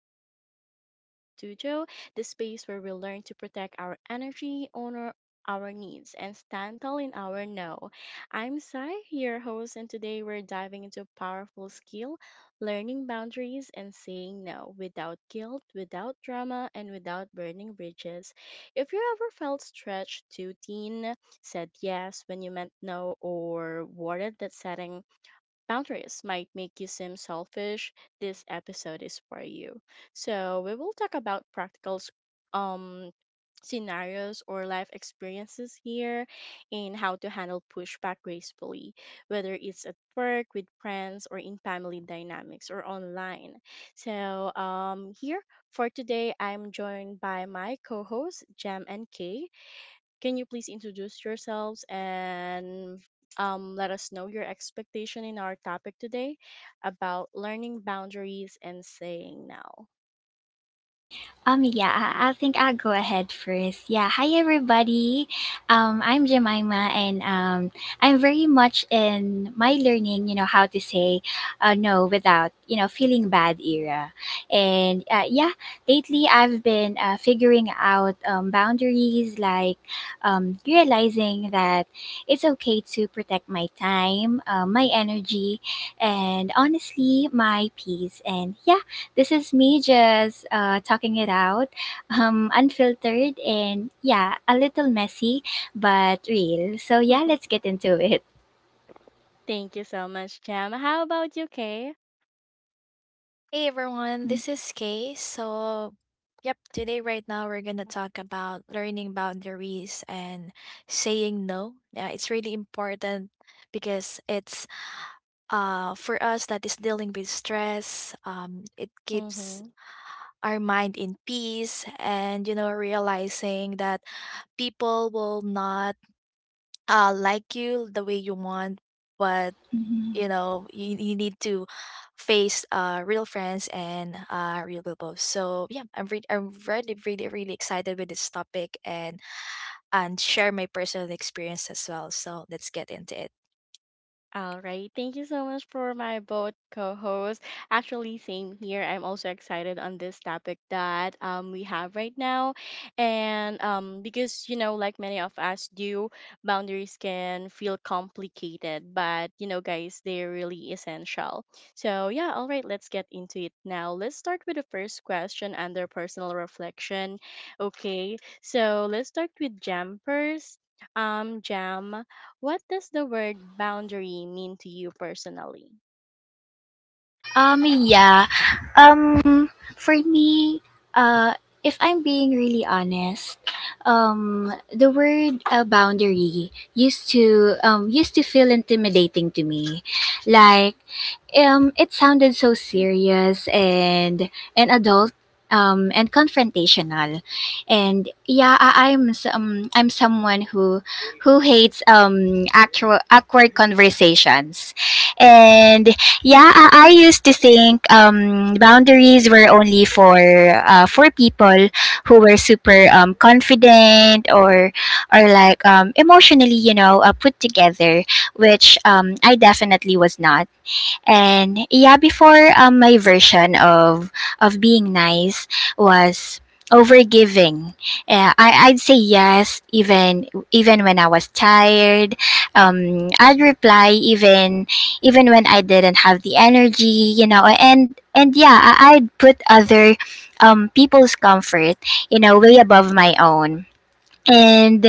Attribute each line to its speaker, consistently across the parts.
Speaker 1: the Safe Space Studio, the space where we learn to protect our energy, honor our needs, and stand tall in our no. I'm Sai, your host, and today we're diving into a powerful skill learning boundaries and saying no without guilt, without drama, and without burning bridges. If you ever felt stretched too thin, said yes when you meant no, or worried that setting boundaries might make you seem selfish, this episode is for you. So, we will talk about practical um, scenarios or life experiences here and how to handle pushback gracefully, whether it's at work, with friends, or in family dynamics or online. Here for today, I'm joined by my co hosts, Jam and Kay. Can you please introduce yourselves and let us know your expectation in our topic today about learning boundaries and saying no?
Speaker 2: I think I'll go ahead first. Yeah, hi everybody. I'm Jemima, and I'm very much in my learning, how to say no without, feeling bad era. And yeah, lately I've been figuring out boundaries, realizing that it's okay to protect my time, my energy, and honestly, my peace. And yeah, this is me just talking it out, unfiltered and yeah, a little messy, but real. So yeah, let's get into it.
Speaker 1: Thank you so much, Jam. How about you, Kay?
Speaker 3: Hey everyone, this is Kay. So, yep, today right now we're gonna talk about learning boundaries and saying no. Yeah, it's really important because it's for us that is dealing with stress. It keeps
Speaker 1: Mm-hmm.
Speaker 3: our mind in peace, and you know, realizing that people will not like you the way you want, but
Speaker 2: Mhm.
Speaker 3: you know, you need to face real friends and real people. So yeah, I'm really, really, really excited with this topic, and share my personal experience as well, so let's get into it.
Speaker 1: All right. Thank you so much for my both co-hosts. Actually, same here. I'm also excited on this topic that we have right now. And because you know, like many of us do, boundaries can feel complicated, but you know, guys, they're really essential. So, yeah, all right, let's get into it now. Let's start with the first question under personal reflection. Okay. So, let's start with Jam first. Jam, what does the word boundary mean to you personally?
Speaker 2: Um, yeah. Um, for me, uh, if I'm being really honest, the word boundary used to feel intimidating to me, like it sounded so serious and adult, and confrontational, and yeah, I'm someone who hates actual awkward conversations, and yeah, I used to think boundaries were only for for people who were super confident or or emotionally put together, which I definitely was not. And yeah, before, my version of being nice was overgiving. I'd say yes even when I was tired. I'd reply even when I didn't have the energy, you know. And yeah, I'd put other people's comfort, you know, way above my own. And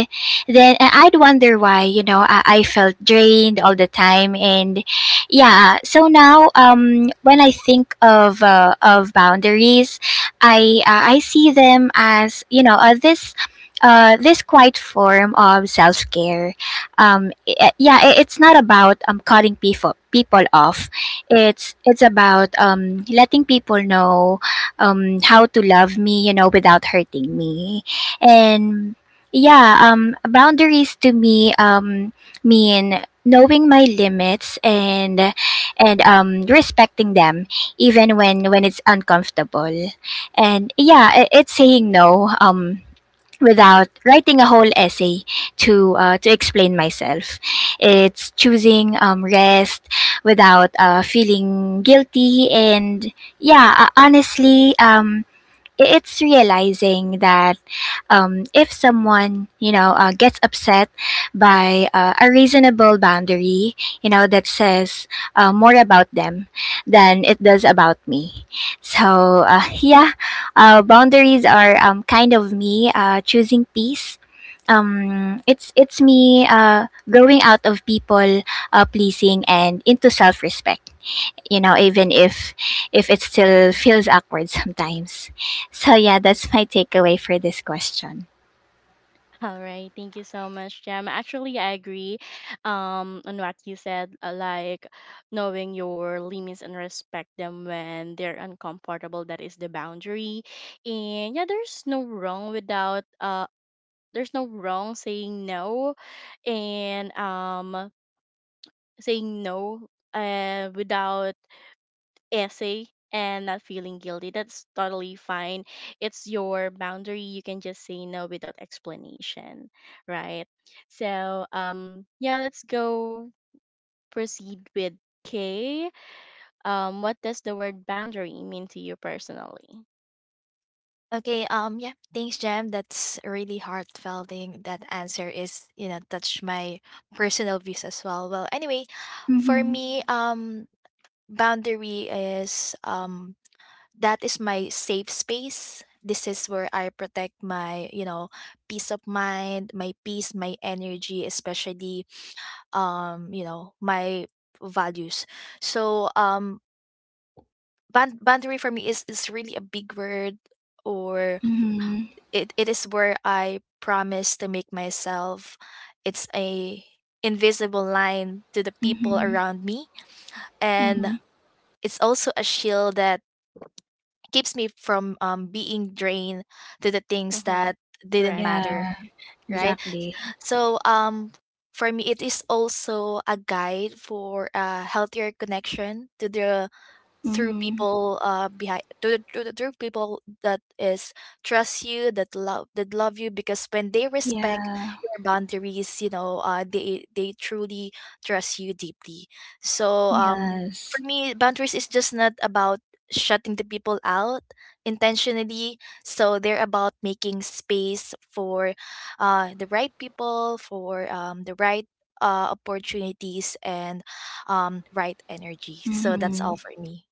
Speaker 2: then I'd wonder why, you know, I felt drained all the time. And yeah, so now, when I think of boundaries, I see them as, you know, this this quiet form of self care. It's not about cutting people off. It's about letting people know how to love me, you know, without hurting me. And yeah, boundaries to me mean knowing my limits and respecting them, even when it's uncomfortable. And it's saying no, without writing a whole essay to explain myself. It's choosing rest without feeling guilty. Honestly, it's realizing that if someone, you know, gets upset by a reasonable boundary, you know, that says more about them than it does about me. So yeah, boundaries are kind of me choosing peace. It's me growing out of people pleasing and into self-respect, you know, even if it still feels awkward sometimes. So yeah, that's my takeaway for this question.
Speaker 1: All right, thank you so much, Jam. Actually, I agree on what you said, like knowing your limits and respect them when they're uncomfortable. That is the boundary. And yeah, there's no wrong without, there's no wrong saying no, and saying no without essay and not feeling guilty. That's totally fine. It's your boundary. You can just say no without explanation, right? So, yeah, let's go proceed with K. What does the word boundary mean to you personally?
Speaker 3: Okay, yeah, thanks Jam. That's a really heartfelt thing. That answer is, you know, touch my personal views as well. Well, anyway, for
Speaker 2: Mm-hmm.
Speaker 3: me, boundary is that is my safe space. This is where I protect my, you know, peace of mind, my peace, my energy, especially you know, my values. So ban boundary for me is really a big word, or
Speaker 2: Mm-hmm.
Speaker 3: it is where I promise to make myself, it's a invisible line to the people
Speaker 2: Mm-hmm.
Speaker 3: around me, and
Speaker 2: Mm-hmm.
Speaker 3: it's also a shield that keeps me from being drained to the things
Speaker 1: Mm-hmm.
Speaker 3: that didn't
Speaker 1: Correct.
Speaker 3: matter.
Speaker 2: Yeah,
Speaker 3: Right?
Speaker 2: exactly.
Speaker 3: So, for me it is also a guide for a healthier connection to the through
Speaker 2: Mm-hmm.
Speaker 3: people behind to the through people that is trust you, that love you, because when they respect
Speaker 2: Yeah.
Speaker 3: your boundaries, you know, they, truly trust you deeply. So, for
Speaker 2: Yes.
Speaker 3: me, boundaries is just not about shutting the people out intentionally. So they're about making space for the right people, for the right opportunities, and right energy. So that's all
Speaker 2: Mm-hmm.
Speaker 3: for me.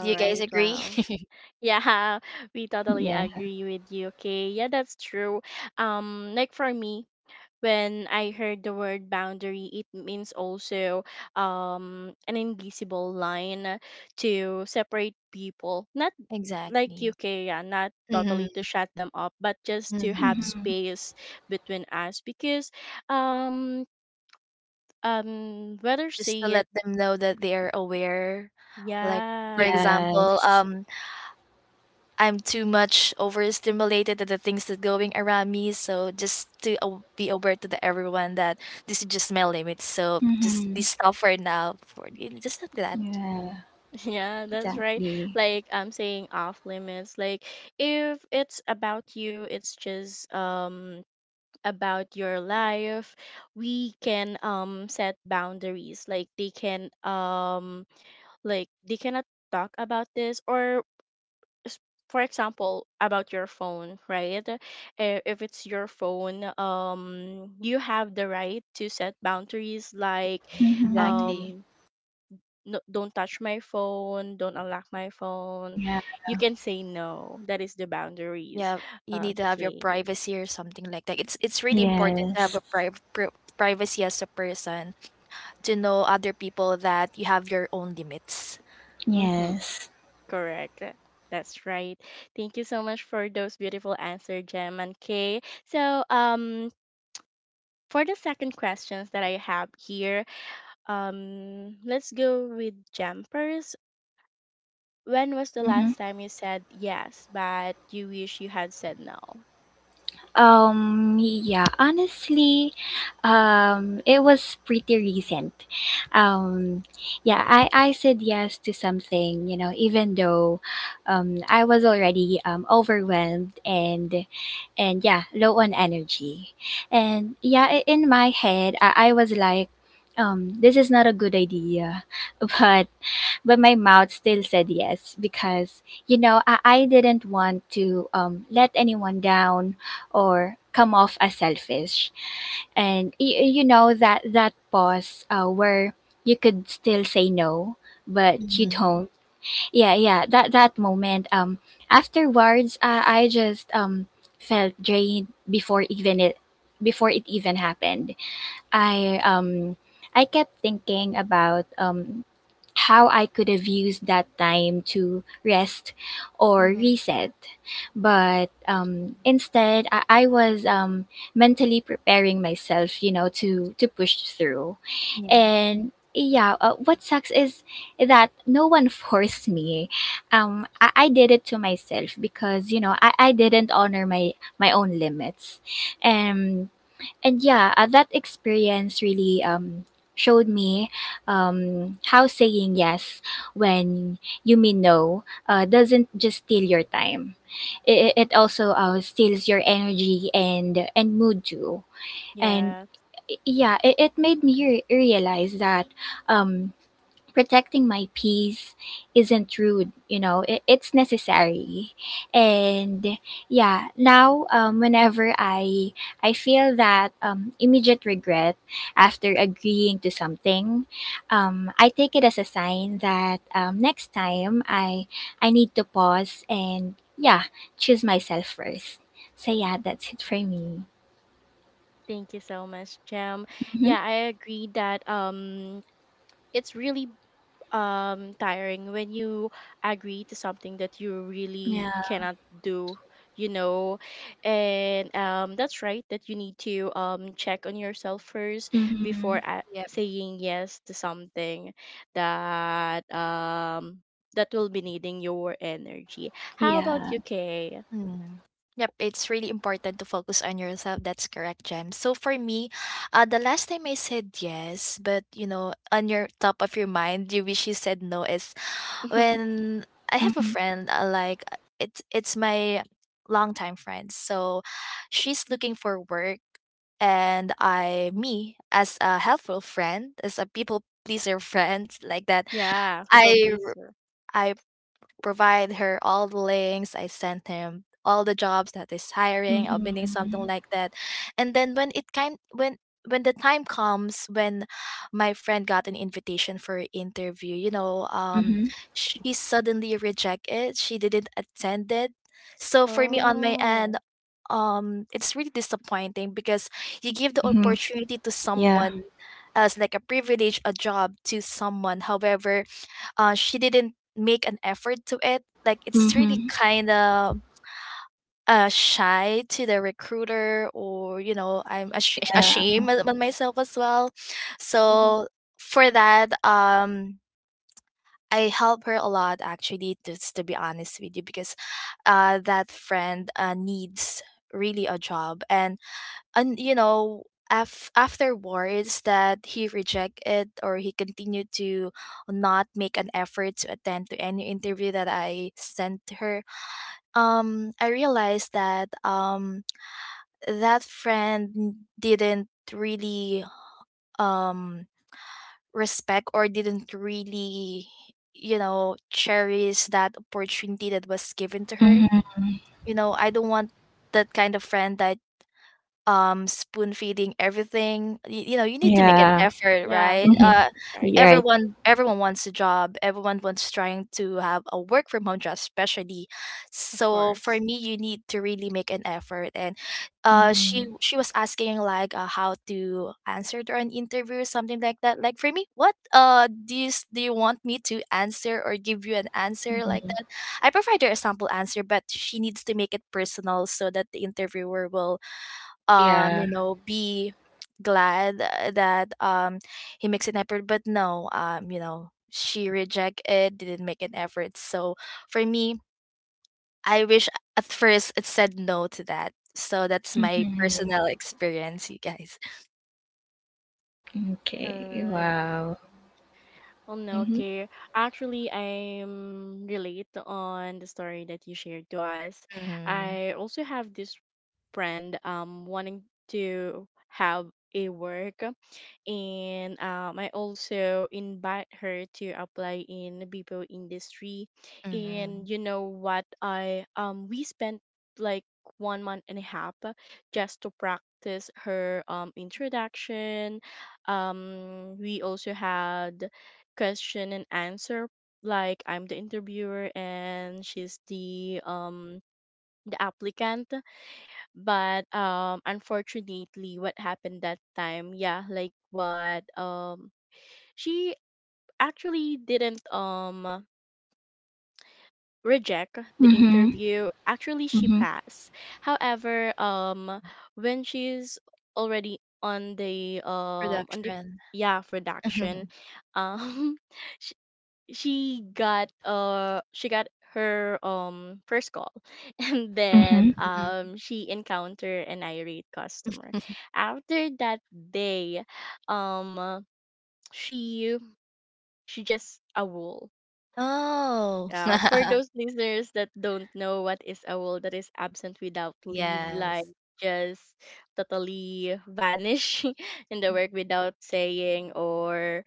Speaker 3: Do you guys
Speaker 1: right.
Speaker 3: agree?
Speaker 1: Wow. Yeah, we totally
Speaker 2: Yeah.
Speaker 1: agree with you. Okay. Yeah, that's true. Like for me, when I heard the word boundary, it means also an invisible line to separate people. Not like
Speaker 3: Exactly.
Speaker 1: UK, yeah, not
Speaker 3: Mhm,
Speaker 1: totally to shut them up, but just to have
Speaker 3: mhm.
Speaker 2: Mm-hmm.
Speaker 1: space between us because um um whether
Speaker 3: Just to
Speaker 1: say it
Speaker 3: let them know that they are aware. Like, for
Speaker 1: Yeah.
Speaker 3: example,
Speaker 2: Yes.
Speaker 3: I'm too much overstimulated to the things that going around me. So just to be aware to the everyone that this is just my limit. So just be
Speaker 2: Mm-hmm.
Speaker 3: stop for now. For you just like that.
Speaker 2: Yeah,
Speaker 1: Yeah, that's right.
Speaker 2: exactly.
Speaker 1: Like I'm saying off limits. Like if it's about you, it's just about your life. We can set boundaries, like they can like they cannot talk about this or s- for example about your phone, right? Eh, if it's your phone, you have the right to set boundaries, like
Speaker 2: Mm-hmm.
Speaker 3: Exactly.
Speaker 1: um no, don't touch my phone, don't unlock my phone.
Speaker 2: Yeah.
Speaker 1: You can say no. That is the boundaries.
Speaker 3: Yeah, you need to have your
Speaker 1: Okay.
Speaker 3: privacy or something like that. It's really important to have
Speaker 2: Yes.
Speaker 3: a privacy as a person, to know other people that you have your own limits.
Speaker 1: Mhm.
Speaker 2: Yes.
Speaker 1: Correct. That's right. Thank you so much for those beautiful answers, Jem and Kay. So, for the second questions that I have here, let's go with Jem first. When was the
Speaker 2: Mm-hmm.
Speaker 1: last time you said yes, but you wish you had said no?
Speaker 2: Yeah, honestly, it was pretty recent. Um, yeah, I said yes to something, you know, even though I was already overwhelmed and yeah, low on energy. And in my head, I was like, this is not a good idea, but but my mouth still said yes, because, you know, I didn't want to let anyone down or come off as selfish. And you know, that that pause, where you could still say no but you
Speaker 3: Hmm.
Speaker 2: don't. Yeah, that moment afterwards, I just, felt drained before even it before it even happened. I um i kept thinking about how I could have used that time to rest or
Speaker 1: Mm-hmm.
Speaker 2: reset. But instead, I was mentally preparing myself, you know, to push through. And yeah, what sucks is that no one forced me. I did it to myself, because, you know, I didn't honor my own limits. And and Yeah, that experience really showed me how saying yes when you mean no doesn't just steal your time. It also steals your energy and mood too. And
Speaker 1: Yeah.
Speaker 2: yeah, it made me realize that um, protecting my peace isn't rude. You know, it's necessary. And yeah, now, whenever I feel that immediate regret after agreeing to something, I take it as a sign that next time I need to pause and yeah choose myself first. So yeah, that's it for me.
Speaker 1: Thank you so much, Jem.
Speaker 2: Mm-hmm.
Speaker 1: Yeah, I agree that it's really tiring when you agree to something that you really
Speaker 2: Yeah.
Speaker 1: cannot do, you know. And that's right that you need to check on yourself first before
Speaker 2: Mm-hmm.
Speaker 3: Yeah.
Speaker 1: saying yes to something that that will be needing your energy. How about
Speaker 2: Yeah.
Speaker 1: you, Kay?
Speaker 3: Mm. Yep, it's really important to focus on yourself. That's correct, Jem. So for me, the last time I said yes, but you know, on your top of your mind, you wish you said no is when I have a
Speaker 2: Mm-hmm.
Speaker 3: friend, like it's my longtime friend. So she's looking for work, and me, as a helpful friend, as a people pleaser friend, like that.
Speaker 1: Yeah, people
Speaker 3: I
Speaker 1: pleaser.
Speaker 3: I provide her all the links. I sent him all the jobs that is hiring, opening
Speaker 2: Mm-hmm.
Speaker 3: something like that. And then when the time comes when my friend got an invitation for an interview, you know,
Speaker 2: Mm-hmm.
Speaker 3: she suddenly rejected. She didn't attend it. So for me on my
Speaker 1: Oh.
Speaker 3: end, it's really disappointing because you give the
Speaker 2: Mm-hmm.
Speaker 3: opportunity to
Speaker 2: Yeah.
Speaker 3: someone else, like a privilege, a job to someone. However, she didn't make an effort to it. Like it's really
Speaker 2: Mhm.
Speaker 3: kind of shy to the recruiter, or you know, I'm
Speaker 2: Yeah.
Speaker 3: ashamed of myself as well.
Speaker 1: Mm-hmm.
Speaker 3: So for that, I help her a lot actually. Just to be honest with you, because that friend needs really a job. And you know, afterwards that he rejected, or he continued to not make an effort to attend to any interview that I sent her, I realized that that friend didn't really um respect, or didn't really, you know, cherish that opportunity that was given to her.
Speaker 2: Mhm.
Speaker 3: You know, I don't want that kind of friend that spoon feeding everything. You you know, you need to make an
Speaker 2: Yeah.
Speaker 3: effort,
Speaker 1: Yeah,
Speaker 3: right?
Speaker 2: Mhm.
Speaker 1: that's right.
Speaker 2: You're right.
Speaker 3: Everyone wants a job, everyone wants trying to have a work from home job, especially.
Speaker 1: Of
Speaker 3: So for
Speaker 1: course.
Speaker 3: me, you need to really make an effort. And
Speaker 2: Mhm.
Speaker 3: she was asking, like, how to answer during interview something like that. Like for me, what do you do you want me to answer or give you an answer like that? I provide her a sample answer, but she needs to make it personal so that the interviewer will
Speaker 2: Yeah.
Speaker 3: you know be glad that he makes an effort. But no, you know, she rejected, didn't make an effort. So for me, I wish at first it said no to that. So that's my
Speaker 2: Mhm.
Speaker 3: personal experience, you guys.
Speaker 1: All
Speaker 2: Okay.
Speaker 1: right.
Speaker 2: Wow.
Speaker 1: Well, no,
Speaker 2: Mhm.
Speaker 1: okay. Actually, I'm relate on the story that you shared to us.
Speaker 3: Mm-hmm.
Speaker 1: I also have this friend wanting to have a work, and I also invite her to apply in the BPO industry.
Speaker 3: Mm-hmm.
Speaker 1: And you know what, I we spent like 1 month and a half just to practice her introduction. We also had question and answer, like I'm the interviewer and she's the applicant. But unfortunately what happened that time, yeah, like what she actually didn't reject the
Speaker 2: Mhm.
Speaker 1: interview. Actually, she
Speaker 2: Mhm.
Speaker 1: passed. However, when she's already on the
Speaker 3: Production.
Speaker 1: yeah, production. um she got her first call, and
Speaker 2: Mhm.
Speaker 1: then
Speaker 3: Mhm.
Speaker 1: she encountered an irate customer. After that day, um she she just a wool.
Speaker 3: Oh.
Speaker 1: Uh, for those listeners that don't know what is a wool, that is absent without leave, like
Speaker 3: Yes.
Speaker 1: just totally vanish in the work without saying or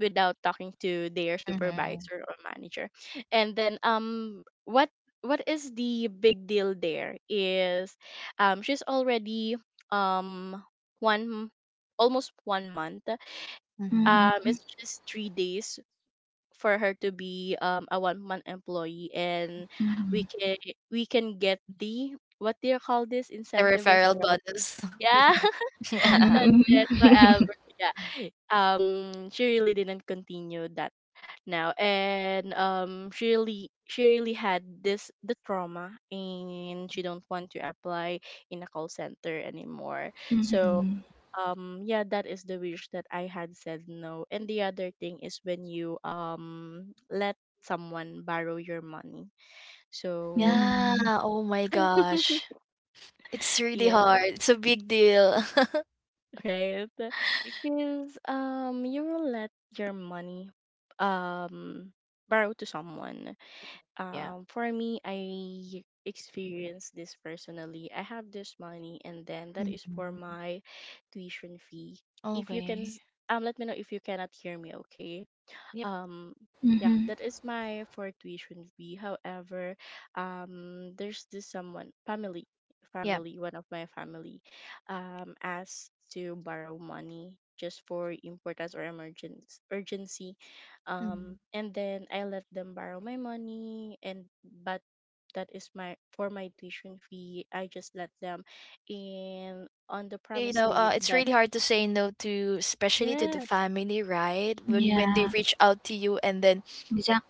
Speaker 1: without talking to their
Speaker 3: Mm-hmm.
Speaker 1: supervisor or manager. And then what is the big deal there is she's already um one almost 1 month.
Speaker 3: Mm-hmm.
Speaker 1: Um,
Speaker 2: Mhm.
Speaker 1: it's just 3 days for her to be a 1 month employee, and
Speaker 2: Mhm.
Speaker 1: we can we can get the what do you call this,
Speaker 3: The
Speaker 1: incentive
Speaker 3: referral
Speaker 1: referral?
Speaker 3: bonus.
Speaker 1: Yeah.
Speaker 3: Yeah,
Speaker 1: That's it.
Speaker 2: Mhm.
Speaker 1: However, yeah. She really didn't continue that now, and she really had this the trauma, and she don't want to apply in a call center anymore.
Speaker 2: Mhm.
Speaker 1: So
Speaker 2: Mhm.
Speaker 1: yeah, that is the wish that I had said no. And the other thing is when you let someone borrow your money. So
Speaker 3: yeah.
Speaker 2: Mhm.
Speaker 3: Oh my gosh. It's really
Speaker 1: yeah,
Speaker 3: hard. It's a big deal.
Speaker 1: right? Because you will let your money um borrow to someone.
Speaker 3: Yeah.
Speaker 1: Um, for me, I experienced this personally. I have this money, and then that is for
Speaker 3: Mhm.
Speaker 1: my tuition fee. If you can
Speaker 3: Okay.
Speaker 1: s- let me know if you cannot hear me, okay?
Speaker 3: Yep.
Speaker 1: um yeah,
Speaker 2: Mhm.
Speaker 1: that is my for tuition fee. However, there's this someone family
Speaker 3: Yep.
Speaker 1: family one of my family, asked to borrow money just for importance or emergency urgency.
Speaker 3: Mhm.
Speaker 1: And then I let them borrow my money. And but that is my for my tuition fee. I just let them in on the
Speaker 3: You
Speaker 1: promise
Speaker 3: know,
Speaker 1: date
Speaker 3: it's
Speaker 1: that
Speaker 3: really hard to say no to, especially to the
Speaker 1: yes.
Speaker 3: family, right? When they
Speaker 2: Yeah.
Speaker 3: reach out to you, and then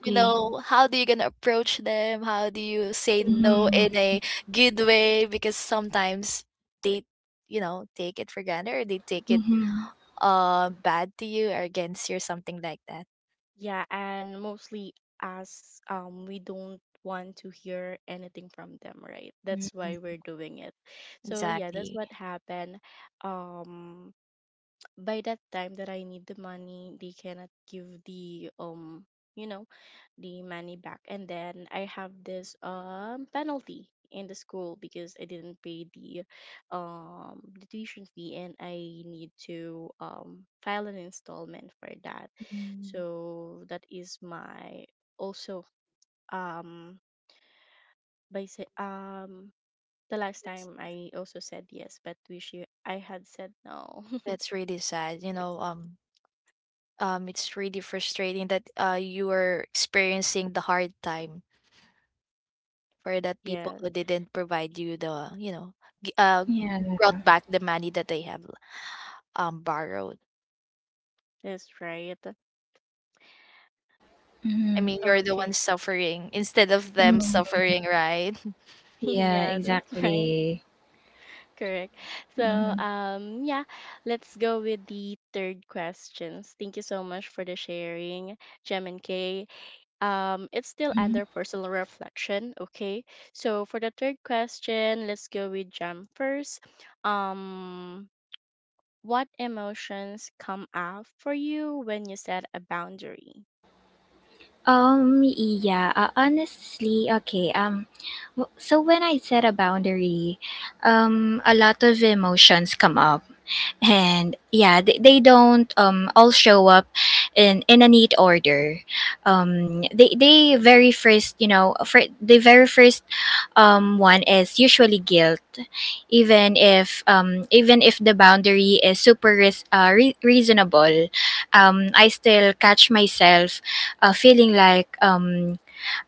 Speaker 3: you know, how do you gonna approach them? How do you say no
Speaker 2: Mhm.
Speaker 3: in a good way? Because sometimes they, you know, take it for granted, or they take it
Speaker 2: Mhm.
Speaker 3: bad to you or against you, or something like that.
Speaker 1: Yeah, and mostly as we don't want to hear anything from them, right? That's why
Speaker 3: Mhm.
Speaker 1: we're doing it. So yeah, that's
Speaker 3: Exactly.
Speaker 1: what happened. Um, by that time that I need the money, they cannot give the you know, the money back, and then I have this penalty in the school because I didn't pay the tuition fee, and I need to file an installment for that.
Speaker 3: Mm.
Speaker 1: So that is my also um by say the last time I also said yes, but wish you I had said no.
Speaker 3: That's really sad. You know, it's really frustrating that you were experiencing the hard time for that people
Speaker 1: Yes,
Speaker 3: who didn't provide you the, you know, g- uh,
Speaker 2: Yeah.
Speaker 3: brought back the money that they have borrowed.
Speaker 1: that's right.
Speaker 3: I
Speaker 2: Mhm.
Speaker 3: mean, you're the
Speaker 1: Okay.
Speaker 3: one suffering instead of them
Speaker 2: Mhm.
Speaker 3: suffering, right?
Speaker 2: Yeah.
Speaker 1: Yeah, that's right.
Speaker 2: Exactly.
Speaker 1: Correct. So,
Speaker 2: Mhm.
Speaker 1: yeah, let's go with the third questions. Thank you so much for the sharing, Gem and Kay. It's still
Speaker 2: Mhm.
Speaker 1: under personal reflection, okay? So for the third question, let's go with Gem first. Um, what emotions come up for you when you set a boundary?
Speaker 2: Yeah, Honestly, okay. So when I set a boundary, a lot of emotions come up. And yeah, they don't all show up in a neat order. They very first, you know, for the very first one is usually guilt, even if the boundary is super reasonable. I still catch myself feeling like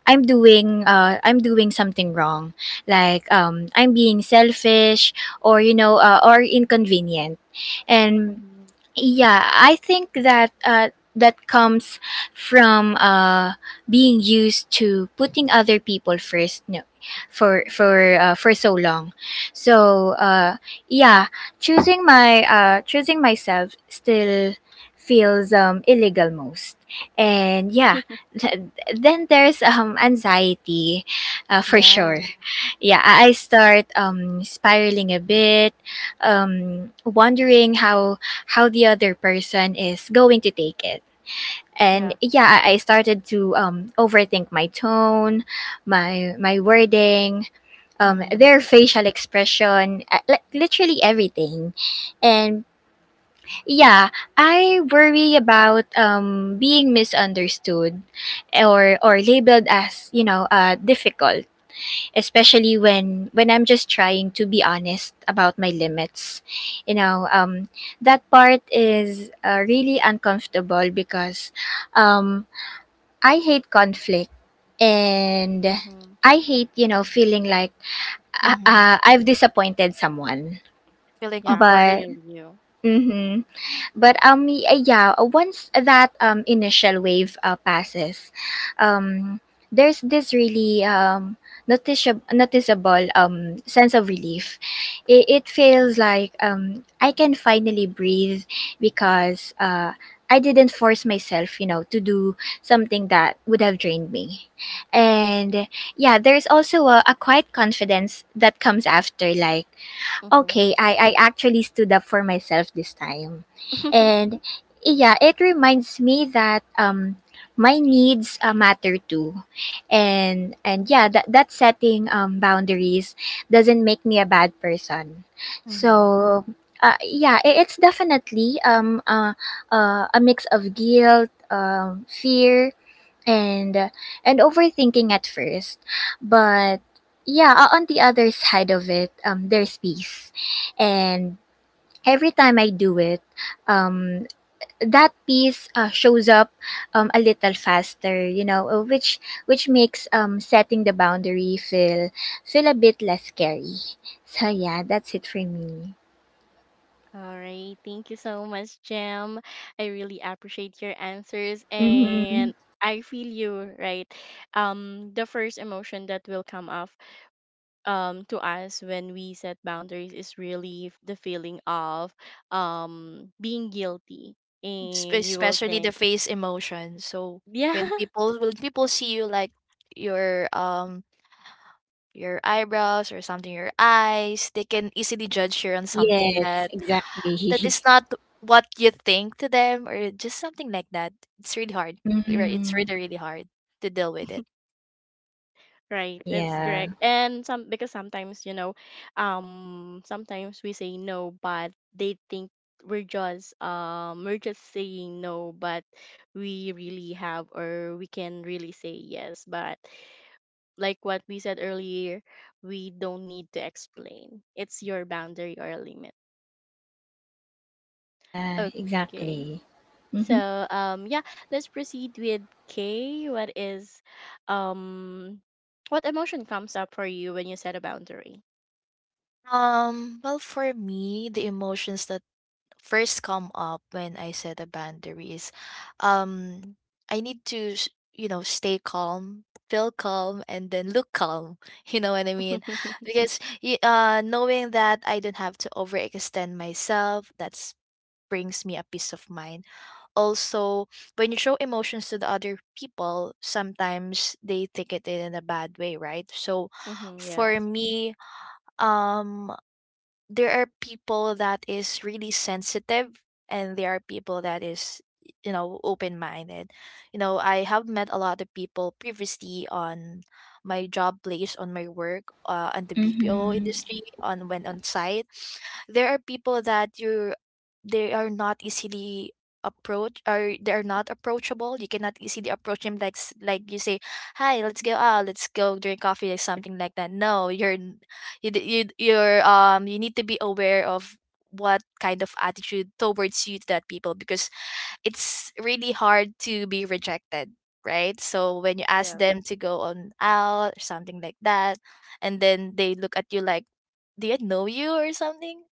Speaker 2: I'm doing something wrong, like I'm being selfish or, you know, or inconvenient, and
Speaker 1: Mm-hmm.
Speaker 2: yeah, I think that that comes from being used to putting other people first no for for so long. So yeah, choosing myself still feels illegal most. And yeah, th- then there's anxiety, for sure.
Speaker 1: Yeah,
Speaker 2: Yeah, I start spiraling a bit, wondering how the other person is going to take it. And
Speaker 1: yeah.
Speaker 2: yeah, I started to overthink my tone, my wording,
Speaker 3: Mm-hmm.
Speaker 2: their facial expression, li- literally everything. And yeah, I worry about being misunderstood or labeled as, you know, difficult, especially when I'm just trying to be honest about my limits, you know. That part is really uncomfortable because um I hate conflict and
Speaker 1: Mm-hmm.
Speaker 2: I hate, you know, feeling like
Speaker 3: Mm-hmm.
Speaker 2: I've disappointed someone.
Speaker 3: Feeling
Speaker 1: Yeah, I
Speaker 3: awkward.
Speaker 2: But
Speaker 1: feel you.
Speaker 2: mhm, but yeah, once that, initial wave passes, um there's this really, noticeable, sense of relief. It feels like I can finally breathe, because I didn't force myself, you know, to do something that would have drained me. And yeah, there's also a quiet confidence that comes after, like, okay, I actually stood up for myself this time.
Speaker 1: Mm-hmm.
Speaker 2: And yeah, it reminds me that my needs matter too. And yeah, that that setting boundaries doesn't make me a bad person.
Speaker 3: Mm-hmm.
Speaker 2: So yeah, it's definitely a mix of guilt, fear, and uh, and overthinking at first, but yeah, on the other side of it, there's peace. And every time I do it, um that peace shows up a little faster, you know, which makes setting the boundary feel feel a bit less scary. So yeah, that's it for me.
Speaker 1: All right. Thank you so much, Jem. I really appreciate your answers,
Speaker 2: Mm-hmm.
Speaker 1: and I feel you, right? The first emotion that will come up to us when we set boundaries is really the feeling of being guilty. And you will
Speaker 3: Especially the
Speaker 1: think,
Speaker 3: face emotion. So
Speaker 1: yeah.
Speaker 3: when people see you like you're your eyebrows or something, your eyes, they can easily judge you on something
Speaker 2: Yes,
Speaker 3: that
Speaker 2: exactly.
Speaker 3: is not what you think to them, or just something like that. It's really hard, right? It's
Speaker 2: Mm-hmm.
Speaker 3: really, really hard to deal with it.
Speaker 1: Right, that's
Speaker 2: Yeah.
Speaker 1: correct. And some because sometimes, you know, sometimes we say no, but they think we're just saying no, but we really have or we can really say yes. But like what we said earlier, we don't need to explain. It's your boundary or limit.
Speaker 2: Yeah,
Speaker 1: Okay.
Speaker 2: exactly. Mm-hmm.
Speaker 1: So yeah, let's proceed with K. What is um what emotion comes up for you when you set a boundary?
Speaker 3: Well, for me, the emotions that first come up when I set a boundary is, um I need to you know, stay calm, feel calm, and then look calm. You know what I mean? Because knowing that I don't have to overextend myself, that's brings me a peace of mind. Also, when you show emotions to the other people, sometimes they take it in a bad way, right? So
Speaker 1: Hmm.
Speaker 3: for
Speaker 1: Yes.
Speaker 3: me, um there are people that is really sensitive, and there are people that is, you know, open-minded. You know, I have met a lot of people previously on my job place, on my work, on the BPO
Speaker 2: Mhm.
Speaker 3: industry, on when on site. There are people that you they are not easily approach, or they are not approachable. You cannot easily approach them, like like you say hi, let's go out, let's go drink coffee, or something like that. No, you're, you need to be aware of what kind of attitude towards you to that people, because it's really hard to be rejected, right? So when you ask
Speaker 1: Yeah.
Speaker 3: them to go on out or something like that, and then they look at you like, do you know you or something,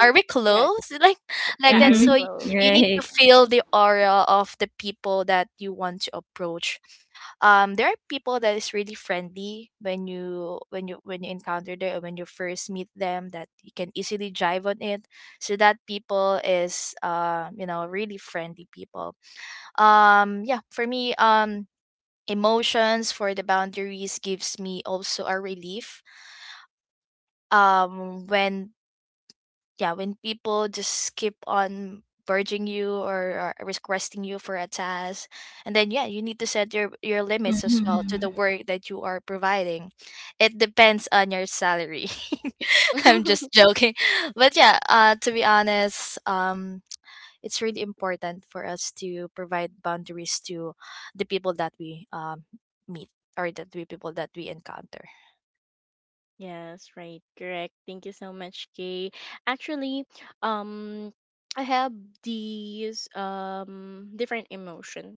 Speaker 3: are we
Speaker 1: Correct.
Speaker 3: close? Like
Speaker 1: Yeah, I
Speaker 3: that.
Speaker 2: Mhm.
Speaker 1: reclose.
Speaker 3: You need to
Speaker 2: Right.
Speaker 3: feel the aura of the people that you want to approach. There are people that is really friendly when you when you when you encounter them, or when you first meet them, that you can easily jive on it. So that people is uh, you know, really friendly people. Yeah, for me, emotions for the boundaries gives me also a relief when, yeah, when people just keep on urging you, or requesting you for a task, and then yeah, you need to set your limits as well to
Speaker 2: Mhm.
Speaker 3: the work that you are providing. It depends on your salary. I'm just joking, but yeah, to be honest, it's really important for us to provide boundaries to the people that we meet, or that we encounter.
Speaker 1: Yes, right. Correct. Thank you so much, Kay. Actually, um, I have these different emotions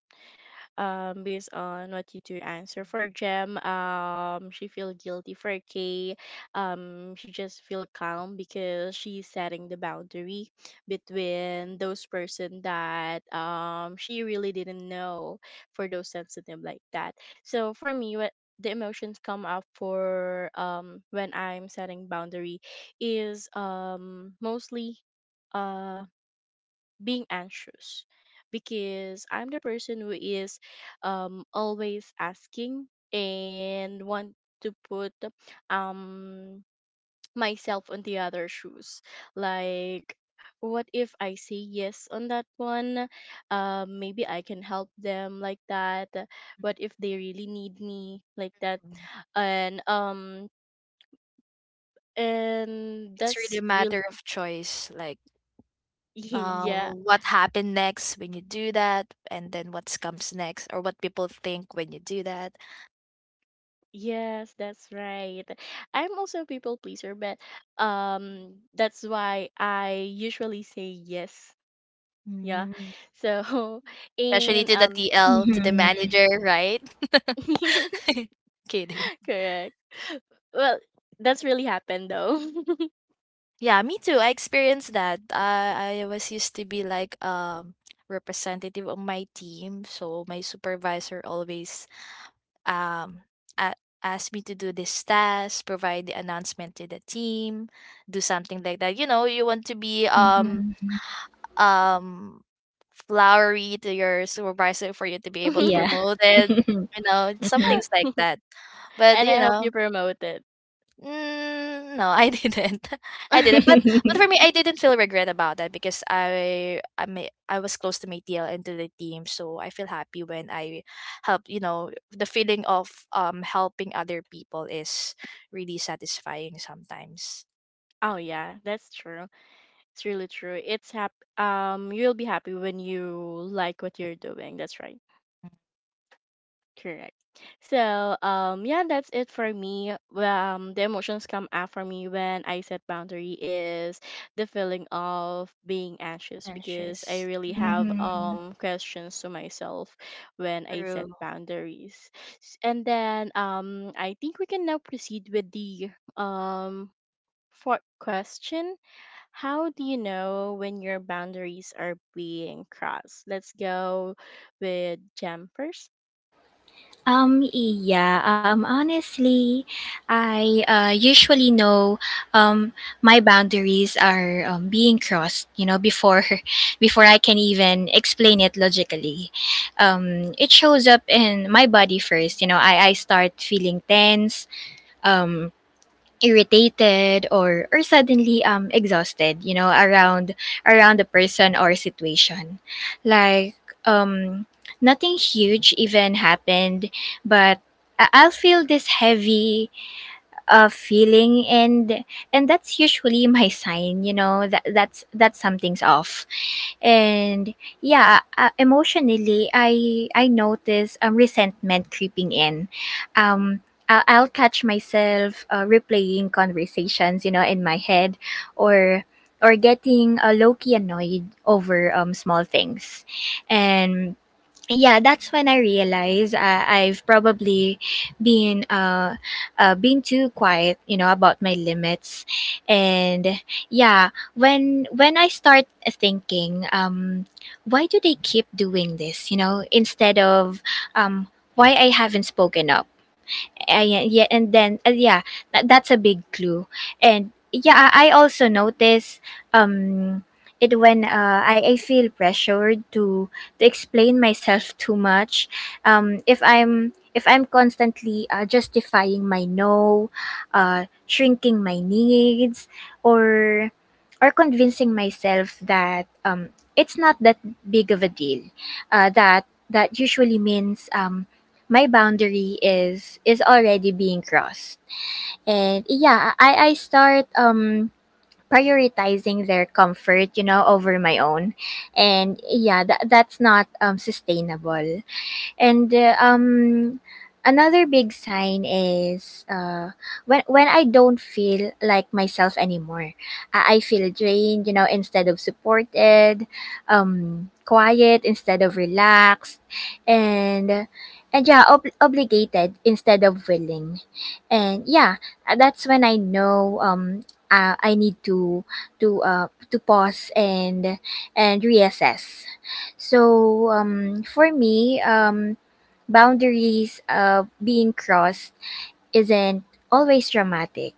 Speaker 1: based on what you do answer. For Jem, she feel guilty. For Kay, she just feel calm because she's setting the boundary between those person that she really didn't know, for those sensitive like that. So for me, what the emotions come up for when I'm setting boundary is mostly uh being anxious because I'm the person who is always asking and want to put um myself on the other shoes, like what if I say yes on that one? Maybe I can help them, like that.
Speaker 3: Mhm.
Speaker 1: What if they really need me, like that? And um, and
Speaker 3: It's really a
Speaker 1: that's real.
Speaker 3: matter of choice, like,
Speaker 1: Yeah.
Speaker 3: what happened next when you do that, and then what comes next, or what people think when you do that.
Speaker 1: Yes, that's right. I'm also a people pleaser, but that's why I usually say yes. Yeah.
Speaker 3: Mm.
Speaker 1: So
Speaker 3: Especially
Speaker 1: and
Speaker 3: to the
Speaker 1: um.
Speaker 3: TL, to the
Speaker 2: Mhm.
Speaker 3: manager, right? Kidding.
Speaker 1: Correct. Well, that's really happened though.
Speaker 3: Yeah, me too. I experienced that. I was used to be like representative of my team, so my supervisor always um a- asked me to do this task, provide the announcement to the team, do something like that. You know, you want to be
Speaker 2: Mhm.
Speaker 3: um, flowery to your supervisor for you to be able to
Speaker 2: Yeah.
Speaker 3: promote it, you know, some things
Speaker 2: Mhm.
Speaker 3: like that. But,
Speaker 1: And
Speaker 3: you
Speaker 1: I hope
Speaker 3: know,
Speaker 1: you promote it.
Speaker 3: mm, no, I didn't. I didn't. But for me, I didn't feel regret about that because I was close to my TL and to the team, so I feel happy when I help. You know, the feeling of helping other people is really satisfying sometimes.
Speaker 1: Oh yeah, that's true. It's really true. It's you'll be happy when you like what you're doing. That's right. Correct. So, yeah, that's it for me. The emotions come out for me when I set boundary is the feeling of being anxious because I
Speaker 3: Anxious.
Speaker 1: really have
Speaker 2: Mhm.
Speaker 1: questions to myself when I set boundaries. And then I think we can now proceed with the um fourth question. How do you know when your boundaries are being crossed? Let's go with Jem 1st.
Speaker 2: Yeah, Honestly, I usually know um, my boundaries are being crossed, you know, before before I can even explain it logically. It shows up in my body first, you know, I start feeling tense, um, irritated or suddenly exhausted, you know, around around the person or situation, like um nothing huge even happened, but I'll feel this heavy feeling, and that's usually my sign, you know, that that something's off. And yeah, emotionally, I notice resentment creeping in. um I'll catch myself replaying conversations, you know, in my head, or or getting low-key annoyed over small things. And yeah, that's when I realized I've probably been uh, been too quiet, you know, about my limits. And yeah, when I start thinking, why do they keep doing this, you know, instead of um why I haven't spoken up. And yeah and then Yeah, that, that's a big clue. And yeah, I also notice um it when I feel pressured to explain myself too much. If I'm constantly justifying my no, shrinking my needs, or or convincing myself that it's not that big of a deal, that that usually means my boundary is already being crossed. And yeah, I start prioritizing their comfort, you know, over my own. And yeah, that, that's not sustainable. And another big sign is when I don't feel like myself anymore. I feel drained, you know, instead of supported, quiet instead of relaxed, and and yeah, obligated instead of willing. And yeah, that's when I know. I need to pause and reassess. So, for me, boundaries of being crossed isn't always dramatic.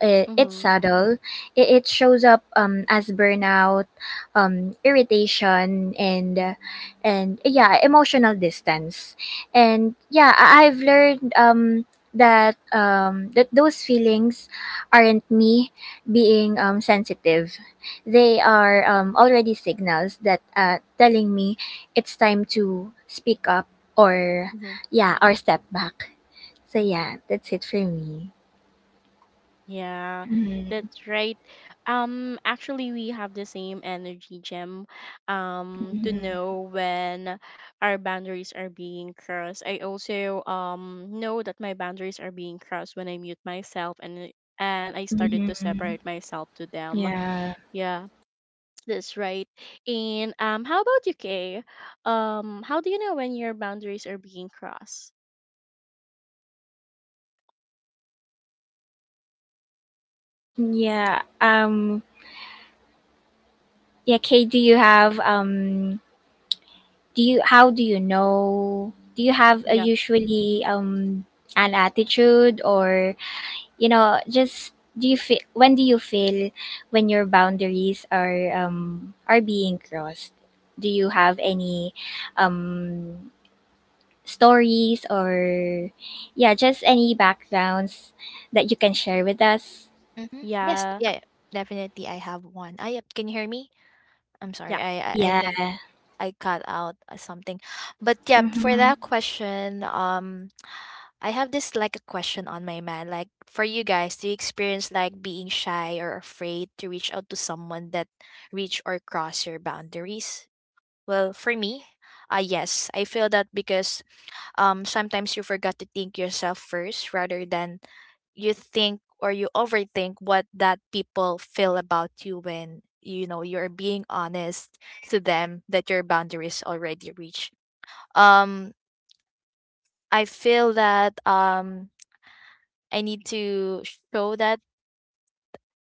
Speaker 2: It's subtle. It shows up as burnout, irritation, and yeah, emotional distance. And yeah, I've learned that those feelings aren't me being sensitive. They are already signals that telling me it's time to speak up or
Speaker 1: Mhm.
Speaker 2: yeah or step back. So yeah, that's it for me.
Speaker 1: Yeah, that's right. Actually, we have the same energy, Gem. To know when our boundaries are being crossed. I also know that my boundaries are being crossed when I mute myself and I started to
Speaker 2: Hmm.
Speaker 1: separate myself to them.
Speaker 2: Yeah.
Speaker 1: Yeah, that's right. And how about you, Kay? How do you know when your boundaries are being crossed?
Speaker 2: Yeah. Yeah, Kate, do you how do you know, do you have a
Speaker 1: Yeah,
Speaker 2: usually, an attitude, or, just, do you feel when do you feel when your boundaries are being crossed? Do you have any um stories or yeah, just any backgrounds that you can share with us?
Speaker 3: Mhm. Yes.
Speaker 1: yeah,
Speaker 3: Yeah. Definitely, I have one. Ah, yep. Can you hear me? I'm
Speaker 1: yeah,
Speaker 3: sorry. I
Speaker 2: Yeah.
Speaker 3: think I cut out something. But yeah, for
Speaker 2: Mhm.
Speaker 3: that question, I have this like a question on my mind. Like for you guys, do you experience like being shy or afraid to reach out to someone that reach or cross your boundaries? Well, for me, yes, I feel that because sometimes you forgot to think yourself first rather than you think or you overthink what that people feel about you when you know you're being honest to them that your boundaries already reached. Um i feel that I need to show that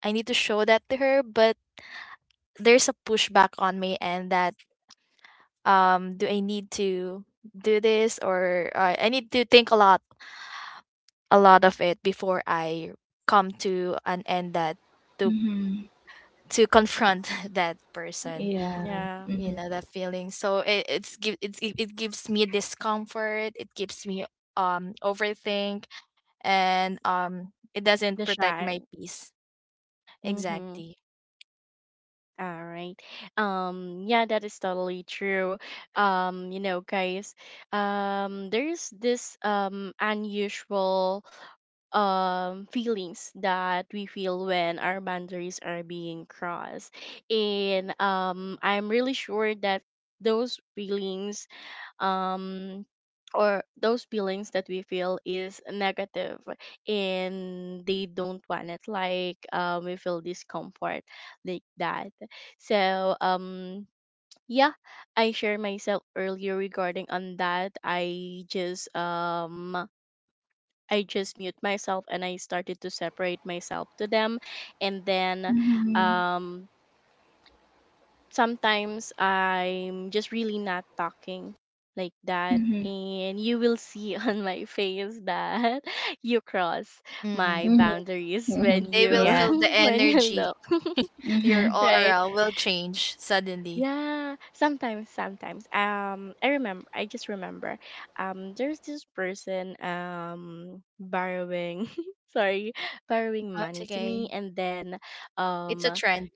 Speaker 3: I need to show that to her, but there's a pushback on me. And that, do I need to do this? Or I need to think a lot of it before I come to an end, that to
Speaker 2: Mhm.
Speaker 3: confront that person.
Speaker 2: Yeah.
Speaker 1: yeah.
Speaker 2: Mhm.
Speaker 3: You know that feeling? So it it gives me discomfort, it gives me overthink, and it doesn't
Speaker 1: The
Speaker 3: protect
Speaker 1: shy.
Speaker 3: my peace.
Speaker 1: Mm-hmm.
Speaker 3: Exactly.
Speaker 1: All right. Yeah, that is totally true. You know, guys, there's this unusual feelings that we feel when our boundaries are being crossed, and I'm really sure that those feelings, um or those feelings that we feel is negative, and they don't want it, like we feel discomfort like that. so um yeah, I shared myself earlier regarding on that. I just I just mute myself and I started to separate myself to them, and then um sometimes I'm just really not talking like that.
Speaker 2: Mhm.
Speaker 1: And you will see on my face that you cross my
Speaker 3: Mm.
Speaker 2: Mhm.
Speaker 1: boundaries
Speaker 2: Mhm.
Speaker 1: when
Speaker 3: They will
Speaker 1: you
Speaker 2: Yeah.
Speaker 3: feel the
Speaker 1: when you
Speaker 3: energy.
Speaker 1: look.
Speaker 3: Your
Speaker 2: Mhm.
Speaker 1: Right.
Speaker 3: aura will change suddenly.
Speaker 1: Yeah, sometimes I just remember there's this person borrowing, sorry, borrowing
Speaker 3: Oh, it's
Speaker 1: money to me,
Speaker 3: okay.
Speaker 1: and then
Speaker 3: It's a
Speaker 1: um
Speaker 3: trend.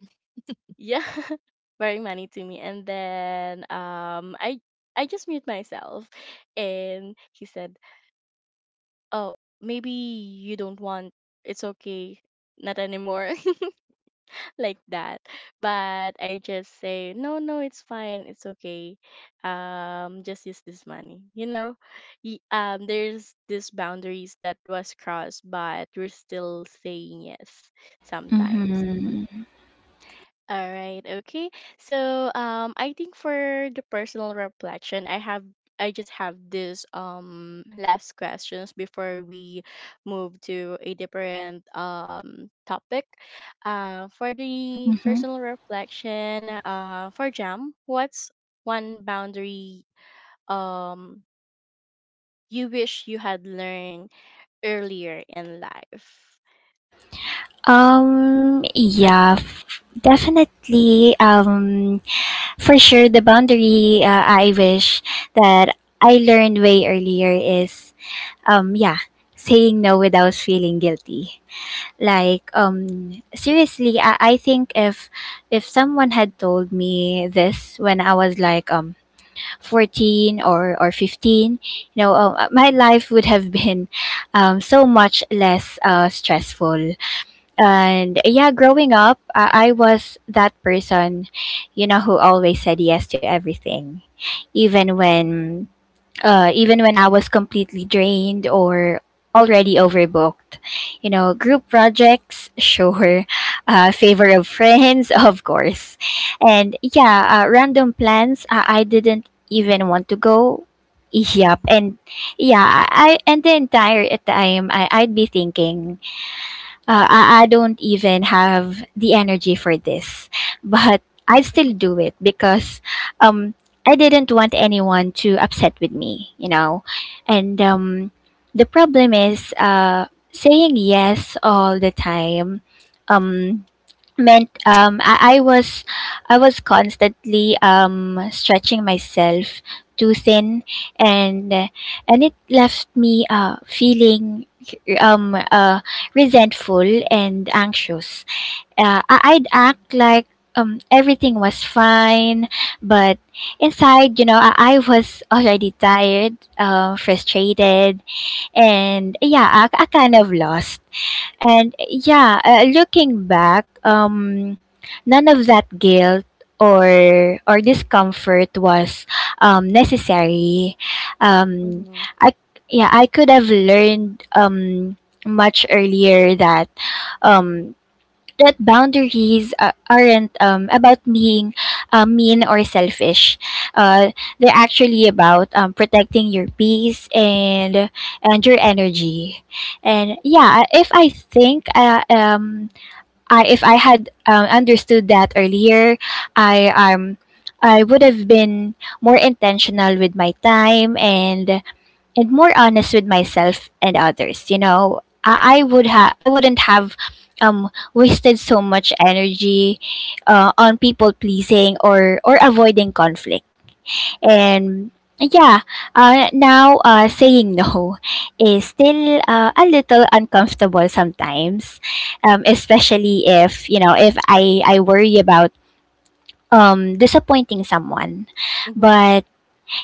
Speaker 1: yeah, very money to me. And then I just mute myself and he said, "Oh, maybe you don't want, it's okay, not anymore." Like that. But I just say, "No, no, it's fine. It's okay. Just use this money." You know, there's this boundaries that was crossed, but we're still saying yes sometimes.
Speaker 2: Mhm.
Speaker 1: All right, okay. So, I think for the personal reflection, I have I just have this last questions before we move to a different topic. For the
Speaker 2: Mhm.
Speaker 1: personal reflection, for Jam, what's one boundary um you wish you had learned earlier in life? Ag-
Speaker 2: Yeah. Definitely. For sure, the boundary, I wish that I learned way earlier is, yeah, saying no without feeling guilty. Like, seriously, I think if someone had told me this when I was like, 14 or 15, you know. My life would have been, so much less, stressful, and yeah, growing up, I was that person, who always said yes to everything, even when even when I was completely drained or already overbooked. You know, group projects, sure. Favor of friends, of course. And yeah, random plans, I didn't even want to go. Yep.
Speaker 3: Mm,
Speaker 2: And yeah, I and the entire time I'd be thinking, I don't even have the energy for this, but I still do it because, um, I didn't want anyone to upset with me, you know. And the problem is, saying yes all the time. Um, Meant, I was constantly, stretching myself too thin, and and it left me, feeling, um uh resentful and anxious. I'd act like, everything was fine, but inside, you know, I was already tired, frustrated, and yeah, I kind of lost. And yeah, looking back, none of that guilt or discomfort was, necessary. Um,
Speaker 1: Mhm,
Speaker 2: I yeah, I could have learned, much earlier, that, um, that boundaries, aren't, about being, mean or selfish. Uh, they're actually about, protecting your peace and your energy. And yeah, if I had, understood that earlier, I um I would have been more intentional with my time, and more honest with myself and others, you know. I wouldn't have, wasted so much energy, on people pleasing or avoiding conflict, and yeah, now, saying no is still, a little uncomfortable sometimes, especially if, you know, if I worry about, disappointing someone,
Speaker 1: mhm.
Speaker 2: but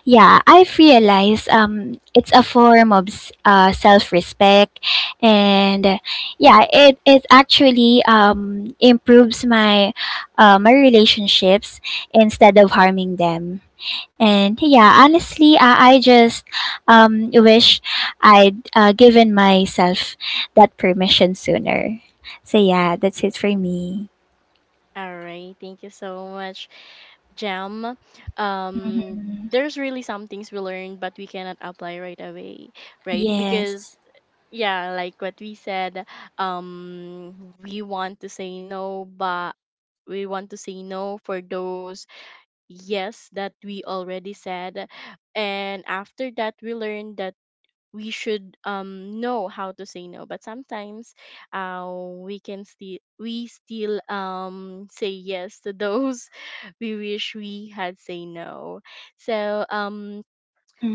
Speaker 2: yeah, I've realized, it's a form of, self-respect, and yeah, it actually, improves my, relationships instead of harming them. And yeah, honestly, I just, wish I'd given myself that permission sooner. So yeah, that's it for me.
Speaker 1: All right. Thank you so much, Jam. Um, there's really some things we learn, but we cannot apply right away, right?
Speaker 3: yes.
Speaker 1: Because
Speaker 2: Yes.
Speaker 1: yeah, like what we said, we want to say no, but we want to say no for those yes that we already said, and after that we learned that we should know how to say no, but sometimes uh we can still we still say yes to those we wish we had say no. so um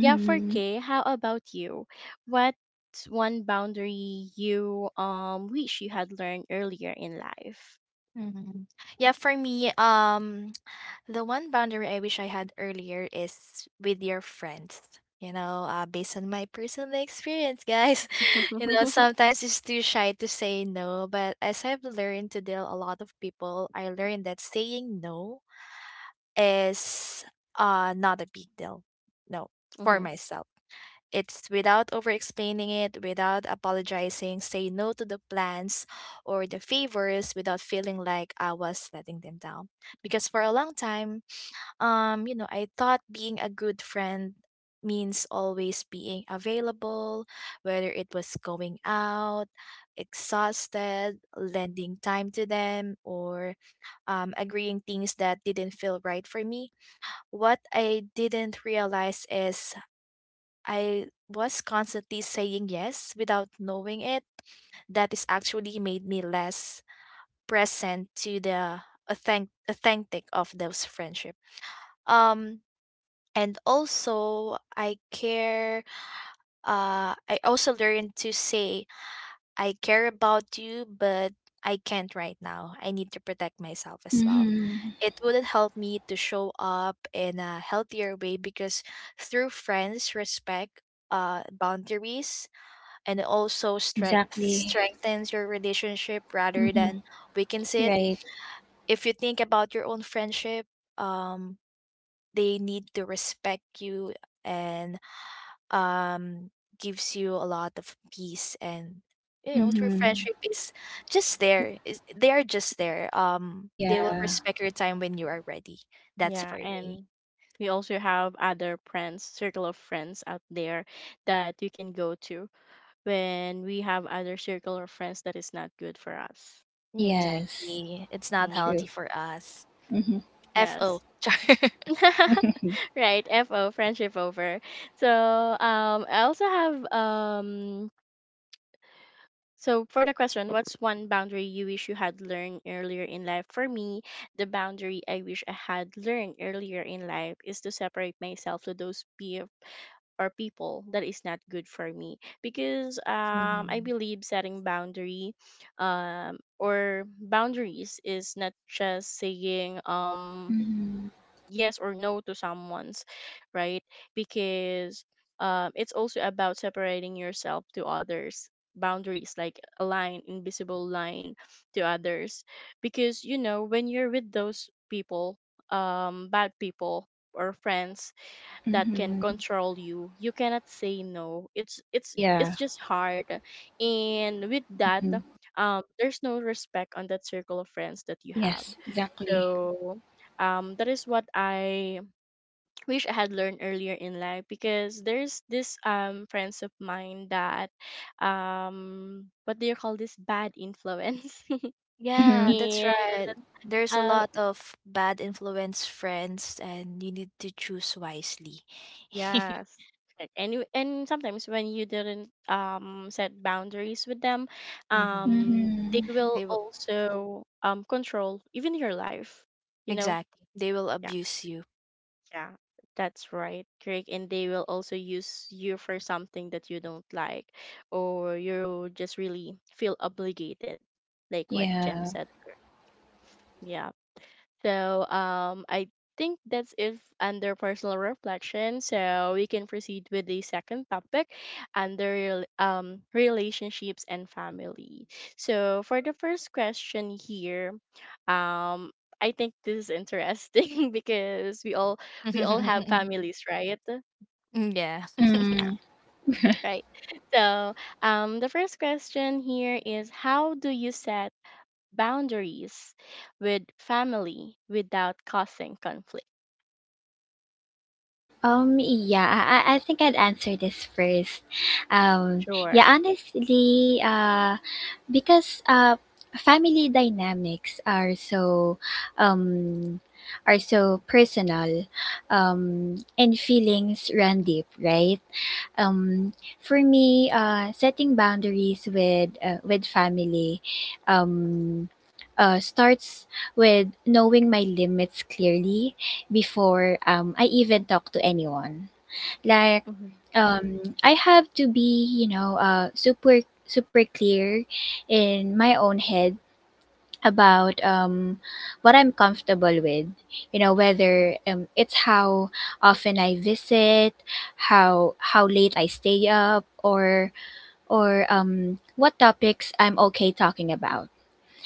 Speaker 1: yeah, for k, how about you? What's one boundary you wish you had learned earlier in life?
Speaker 3: Mhm. Yeah, for me, the one boundary I wish I had earlier is with your friends. You know, based on my personal experience, guys, you know, sometimes it's too shy to say no. But as I've learned to deal a lot of people, I learned that saying no is not a big deal. No, for
Speaker 1: Hmm.
Speaker 3: myself. It's without over explaining it, without apologizing, say no to the plans or the favors without feeling like I was letting them down. Because for a long time, you know, I thought being a good friend means always being available, whether it was going out, exhausted, lending time to them, or agreeing things that didn't feel right for me. What I didn't realize is I was constantly saying yes without knowing it. That is actually made me less present to the authentic of those friendship. Um and also I care I also learned to say I care about you, but I can't right now. I need to protect myself as well.
Speaker 2: Mm-hmm.
Speaker 3: It would help me to show up in a healthier way because through friends respect boundaries, and it also
Speaker 2: Exactly.
Speaker 3: strengthens your relationship rather
Speaker 2: Mm-hmm.
Speaker 3: than weakens it.
Speaker 2: Right.
Speaker 3: If you think about your own friendship, um, they need to respect you and um gives you a lot of peace. And you know, true
Speaker 2: Mhm.
Speaker 3: friendship is just there is they are just there. They will
Speaker 2: Yeah.
Speaker 3: respect your time when you are ready. That's
Speaker 1: Yeah,
Speaker 3: for me.
Speaker 1: and we also have other friends, circle of friends out there that we can go to when we have other circle or friends that is not good for us.
Speaker 2: Yes.
Speaker 3: Exactly, it's not
Speaker 1: Mm,
Speaker 3: healthy
Speaker 2: True.
Speaker 3: for us.
Speaker 2: Mhm.
Speaker 3: Fo—
Speaker 1: yes. Right. FO, friendship over. So I also have for the question, what's one boundary you wish you had learned earlier in life? For me, the boundary I wish I had learned earlier in life is to separate myself to those peer, or people that is not good for me, because I believe setting boundary or boundaries is not just saying
Speaker 2: Mhm.
Speaker 1: yes or no to someone's, right? Because it's also about separating yourself to others, boundaries like a line, invisible line to others, because you know when you're with those people, bad people or friends that can
Speaker 2: Mhm.
Speaker 1: control you, you cannot say no, it's
Speaker 2: Yeah.
Speaker 1: just hard. And with that,
Speaker 2: Mhm.
Speaker 1: there's no respect on that circle of friends that you have.
Speaker 2: Yes. Exactly.
Speaker 1: So that is what I wish I had learned earlier in life, because there's this friends of mine that, what do you call this, bad influence.
Speaker 3: Yeah,
Speaker 2: Mhm.
Speaker 3: that's
Speaker 1: And
Speaker 3: right. There's a
Speaker 1: um.
Speaker 3: lot of bad influence friends, and you need to choose wisely.
Speaker 1: Yes. Correct. And you- and sometimes when you didn't set boundaries with them,
Speaker 3: Hmm.
Speaker 1: they
Speaker 2: Mhm.
Speaker 1: will
Speaker 3: They will,
Speaker 1: also control even your life, you know?
Speaker 3: exactly, they will
Speaker 1: Yeah,
Speaker 3: abuse you.
Speaker 1: yeah. That's right, Craig. And they will also use you for something that you don't like, or you just really feel obligated, like what Jem
Speaker 2: Yeah.
Speaker 1: said. Yeah. So I think that's it under personal reflection. So we can proceed with the second topic under relationships and family. So for the first question here, um, I think this is interesting because we all have families, right?
Speaker 3: Mm, yeah.
Speaker 1: Yeah.
Speaker 2: Mhm.
Speaker 1: Right. So, the first question here is, how do you set boundaries with family without causing conflict?
Speaker 2: Yeah. I think I'd answer this first.
Speaker 1: Sure.
Speaker 2: Yeah, honestly. Because, family dynamics are so, Um. are so personal. And feelings run deep, right? Um, for me, setting boundaries with, family, um, starts with knowing my limits clearly before, I even talk to anyone. Like,
Speaker 1: Mm-hmm.
Speaker 2: I have to be, you know, super clear in my own head about, what I'm comfortable with. You know, whether, it's how often I visit, how late I stay up, or what topics I'm okay talking about.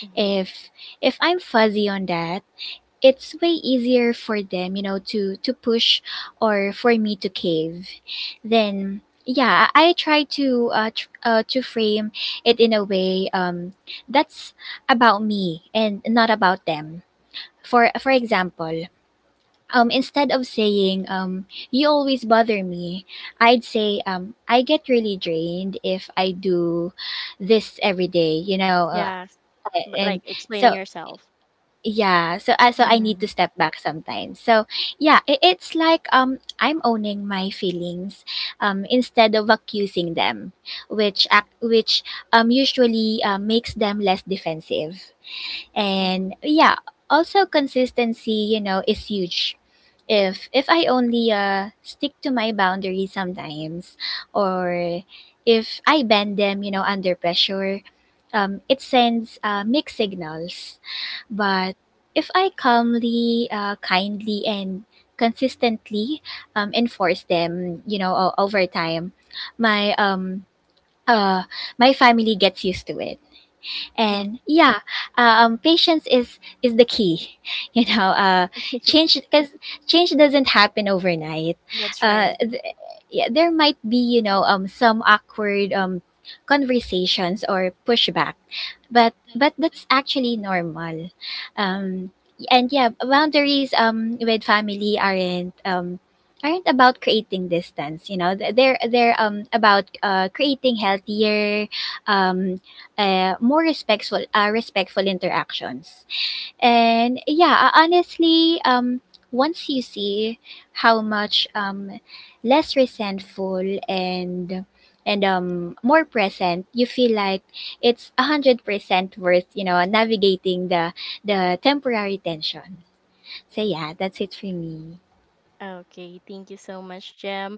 Speaker 1: Mm-hmm.
Speaker 2: If if I'm fuzzy on that, it's way easier for them, you know, to push, or for me to cave. Then yeah, I try to, to frame it in a way, that's about me and not about them. For example, instead of saying, you always bother me, I'd say, I get really drained if I do this every day, you know.
Speaker 1: Yes, but
Speaker 2: And
Speaker 1: like explaining
Speaker 2: so
Speaker 1: yourself.
Speaker 2: yeah, so I need to
Speaker 3: Hmm.
Speaker 2: step back sometimes. So yeah, it's like, I'm owning my feelings, instead of accusing them, which, act which usually, makes them less defensive.
Speaker 1: Mm-hmm.
Speaker 2: And yeah, also consistency, you know, is huge. If I only, stick to my boundaries sometimes, or if I bend them, you know, under pressure, it sends, mixed signals. But if I calmly, kindly, and consistently, enforce them, you know, over time, my, uh family gets used to it.
Speaker 1: Mm-hmm.
Speaker 2: And yeah, patience is the key you know, change, because change doesn't happen overnight.
Speaker 3: That's
Speaker 2: uh,
Speaker 3: right.
Speaker 2: th- yeah, there might be, you know, some awkward, conversations or pushback, but that's actually normal. um and yeah, boundaries, with family, aren't about creating distance, you know. They're about, creating healthier, um more respectful interactions. And yeah, honestly, once you see how much, less resentful and, more present you feel, like it's 100% worth, you know, navigating the temporary tension. So yeah, that's it for me.
Speaker 1: Okay, thank you so much, Jem.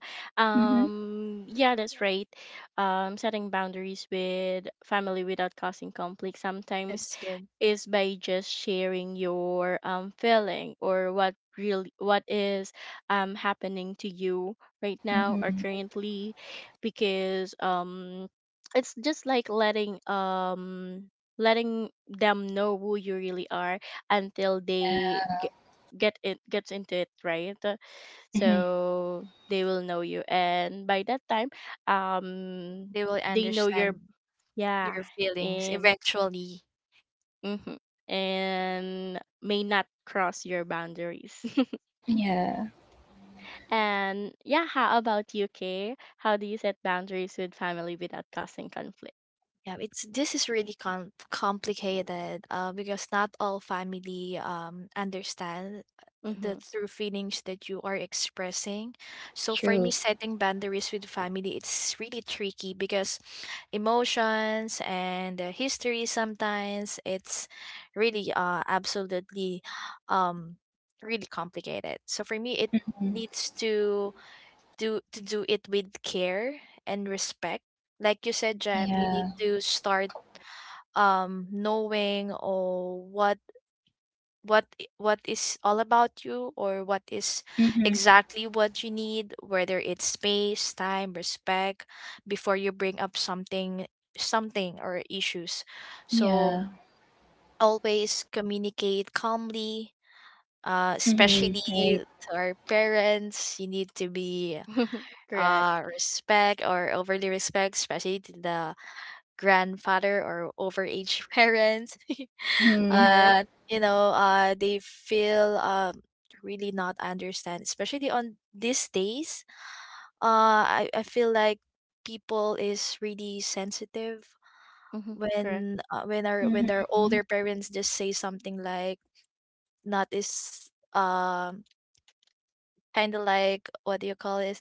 Speaker 2: Mhm.
Speaker 1: Yeah, that's right. Setting boundaries with family without causing conflict sometimes
Speaker 3: That's good.
Speaker 1: is by just sharing your feeling or what really what is happening to you right now or
Speaker 2: Mhm.
Speaker 1: currently, because it's just like letting letting them know who you really are until they get it gets into it, right?
Speaker 2: Mhm.
Speaker 1: So they will know you, and by that time um
Speaker 3: They will
Speaker 1: they know your,
Speaker 3: understand
Speaker 1: yeah.
Speaker 3: your feelings
Speaker 1: And
Speaker 3: eventually.
Speaker 1: mhm, and may not cross your boundaries.
Speaker 2: Yeah.
Speaker 1: And yeah, how about you, Kay? How do you set boundaries with family without causing conflict?
Speaker 3: Yeah, it's, this is really complicated, because not all family understand the
Speaker 1: Mm-hmm.
Speaker 3: true feelings that you are expressing. So for me,
Speaker 2: True.
Speaker 3: setting boundaries with family, it's really tricky because emotions and history, sometimes it's really absolutely, um, really complicated. So for me, it needs to do it with care and respect. Like you said, Jam, you need
Speaker 2: Yeah.
Speaker 3: to start knowing or what what is all about you, or what is
Speaker 2: Mhm.
Speaker 3: exactly what you need, whether it's space, time, respect, before you bring up something or issues. So
Speaker 2: Yeah.
Speaker 3: always communicate calmly, especially
Speaker 2: Mhm.
Speaker 3: to
Speaker 2: Right.
Speaker 3: our parents. You need to be
Speaker 1: Correct.
Speaker 3: respect or overly respect, especially to the grandfather or overage parents.
Speaker 2: Mhm.
Speaker 1: Yes.
Speaker 3: You know, they feel really not understand, especially on these days. I feel like people is really sensitive
Speaker 1: Mm-hmm. Correct.
Speaker 3: when our when their older
Speaker 2: Mhm.
Speaker 3: parents just say something like, not is kind of like, what do you call it,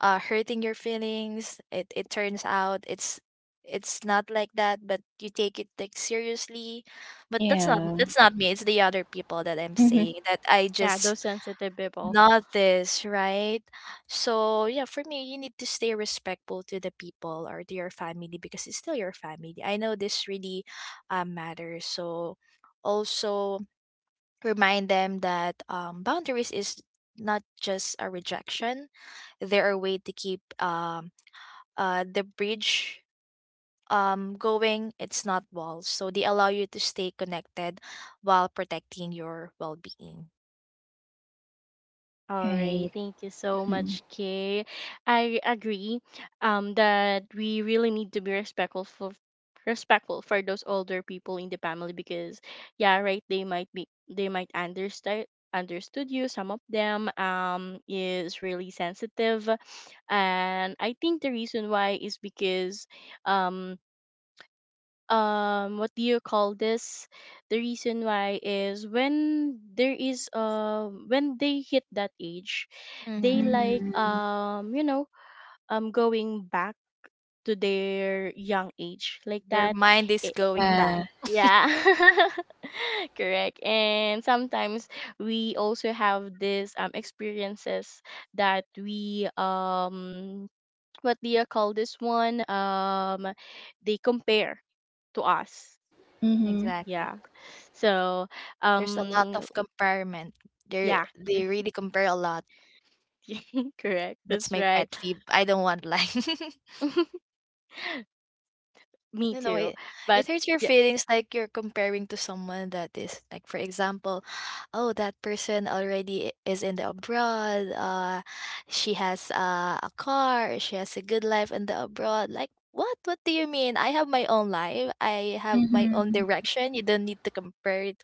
Speaker 3: hurting your feelings. It turns out it's not like that, but you take it like seriously. But that's not,
Speaker 2: Yeah.
Speaker 3: that's not me, it's the other people that I'm
Speaker 2: Mhm.
Speaker 3: saying that I
Speaker 1: Yeah,
Speaker 3: just
Speaker 1: those sensitive people.
Speaker 3: notice, right? So yeah, for me, you need to stay respectful to the people or to your family because it's still your family. I know this really matters. So also remind them that, boundaries is not just a rejection; they're a way to keep, the bridge, going. It's not walls, so they allow you to stay connected while protecting your well-being.
Speaker 1: All right,
Speaker 2: Right.
Speaker 1: thank you so much, Kay. I agree that we really need to be respectful for those older people in the family, because yeah, right, they might be, they might understand, understood you. Some of them is really sensitive, and I think the reason why is because um what do you call this, the reason why is when there is when they hit that age, they
Speaker 3: Hmm.
Speaker 1: like
Speaker 2: Mhm.
Speaker 1: you know, going back to their young age like
Speaker 3: Their
Speaker 1: that.
Speaker 3: mind is
Speaker 1: it,
Speaker 3: going back.
Speaker 2: Yeah.
Speaker 1: yeah, correct. And sometimes we also have this experiences that we what do you call this one, they compare to us,
Speaker 2: Mhm.
Speaker 3: Exactly.
Speaker 1: yeah. So,
Speaker 3: There's a lot
Speaker 1: um,
Speaker 3: of comparison.
Speaker 1: yeah,
Speaker 3: They really compare a lot.
Speaker 1: correct.
Speaker 3: That's
Speaker 1: That's
Speaker 3: my pet
Speaker 1: right.
Speaker 3: peeve. I don't want like.
Speaker 1: Me
Speaker 3: You know,
Speaker 1: too. But
Speaker 3: it hurts your
Speaker 1: yeah,
Speaker 3: feelings, like you're comparing to someone that is like, for example, oh, that person already is in the abroad, she has a car, she has a good life in the abroad. Like what? What do you mean? I have my own life. I have my own direction. You don't need to compare it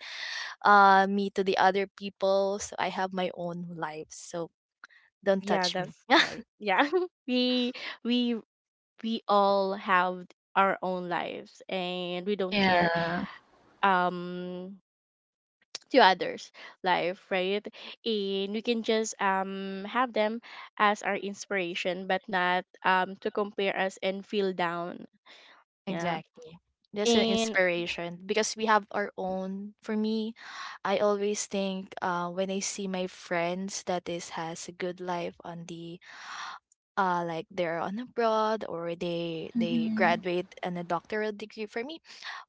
Speaker 3: me to the other people. So I have my own life. So don't
Speaker 1: yeah,
Speaker 3: touch me.
Speaker 1: that's right. Yeah, we we we all have our own lives, and we don't care
Speaker 2: Yeah.
Speaker 1: um to others' life, right? And we can just have them as our inspiration, but not to compare us and feel down. Yeah.
Speaker 3: Exactly. That's an
Speaker 1: And
Speaker 3: inspiration because we have our own. For me, I always think, when I see my friends that is has a good life on the like they're on abroad or they graduate and a doctoral degree, for me,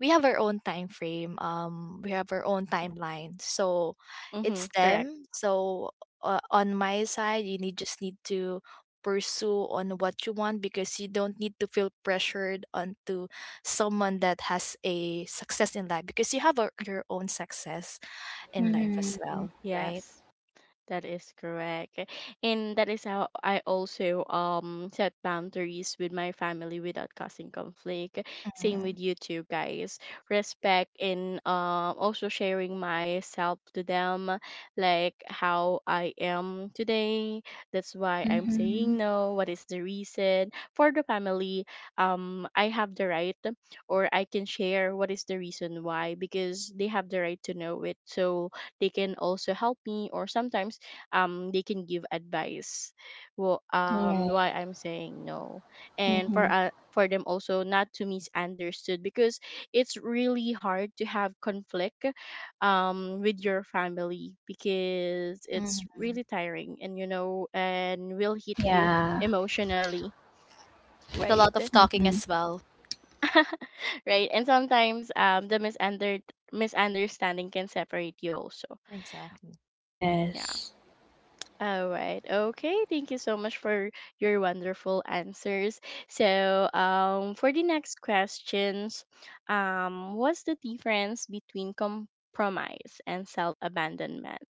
Speaker 3: we have our own time frame, we have our own timeline. So it's
Speaker 1: mm-hmm, correct.
Speaker 3: them. So, on my side, you need just need to pursue on what you want because you don't need to feel pressured onto someone that has a success in life because you have a, your own success in life as
Speaker 2: Mhm.
Speaker 3: well, right?
Speaker 1: Yes. That is correct. And that is how I also set boundaries with my family without causing conflict. Same
Speaker 3: Hmm.
Speaker 1: with you too, guys. Respect and also sharing myself to them, like how I am today. That's why I'm saying no. What is the reason? For the family, I have the right, or I can share what is the reason why, because they have the right to know it. So they can also help me, or sometimes they can give advice, well,
Speaker 2: Right.
Speaker 1: why I'm saying no. And
Speaker 2: Mhm.
Speaker 1: for them also not to misunderstood, because it's really hard to have conflict with your family, because it's
Speaker 3: Hmm.
Speaker 1: really tiring, and you know, and will hit you
Speaker 2: Yeah.
Speaker 1: emotionally,
Speaker 3: It's a lot of
Speaker 1: right?
Speaker 3: talking
Speaker 2: Mhm.
Speaker 3: as well.
Speaker 1: Right. And sometimes misunderstanding can separate you also,
Speaker 3: Exactly.
Speaker 1: yeah.
Speaker 2: Yes.
Speaker 1: All right. Okay. Thank you so much for your wonderful answers. So, for the next questions, what's the difference between compromise and self abandonment?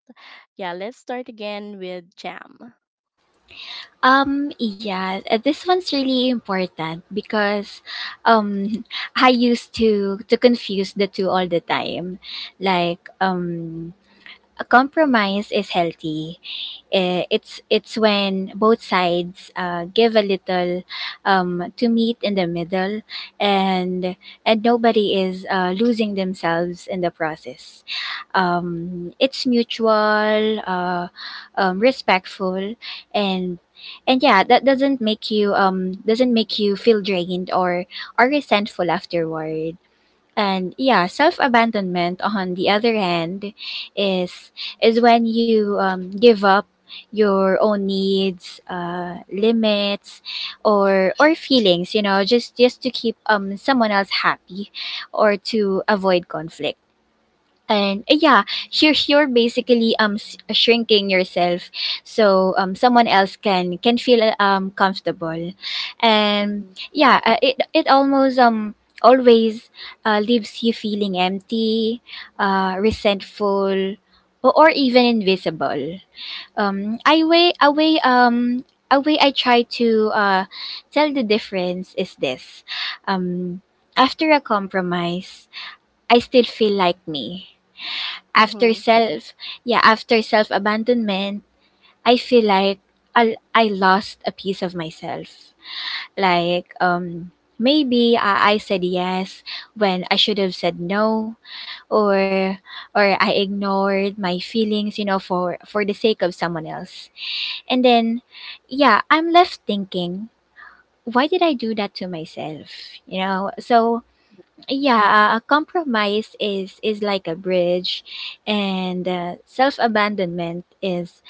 Speaker 1: Yeah, let's start again with Jam.
Speaker 2: Yeah, this one's really important because, um I used to confuse the two all the time. Like, a compromise is healthy. Eh, it's when both sides, give a little, to meet in the middle, and and nobody is, losing themselves in the process. It's mutual, respectful, and and yeah, that doesn't make you feel drained, or resentful afterward. And yeah, self abandonment, on the other hand, is is when you, give up your own needs, limits, or feelings, you know, just to keep, someone else happy, or to avoid conflict. And, yeah, you're basically, shrinking yourself, so, someone else can feel, comfortable. And yeah, it almost, always, leaves you feeling empty, resentful, or even invisible. Um i way a way um a way I try to, tell the difference is this. um After a compromise, I still feel like me after
Speaker 1: Mm-hmm.
Speaker 2: self yeah After self abandonment, I feel like I lost a piece of myself. Like, maybe I said yes when I should have said no, or or I ignored my feelings, you know, for the sake of someone else. And then yeah, I'm left thinking, why did I do that to myself? You know. So yeah, a compromise is like a bridge, and, self-abandonment is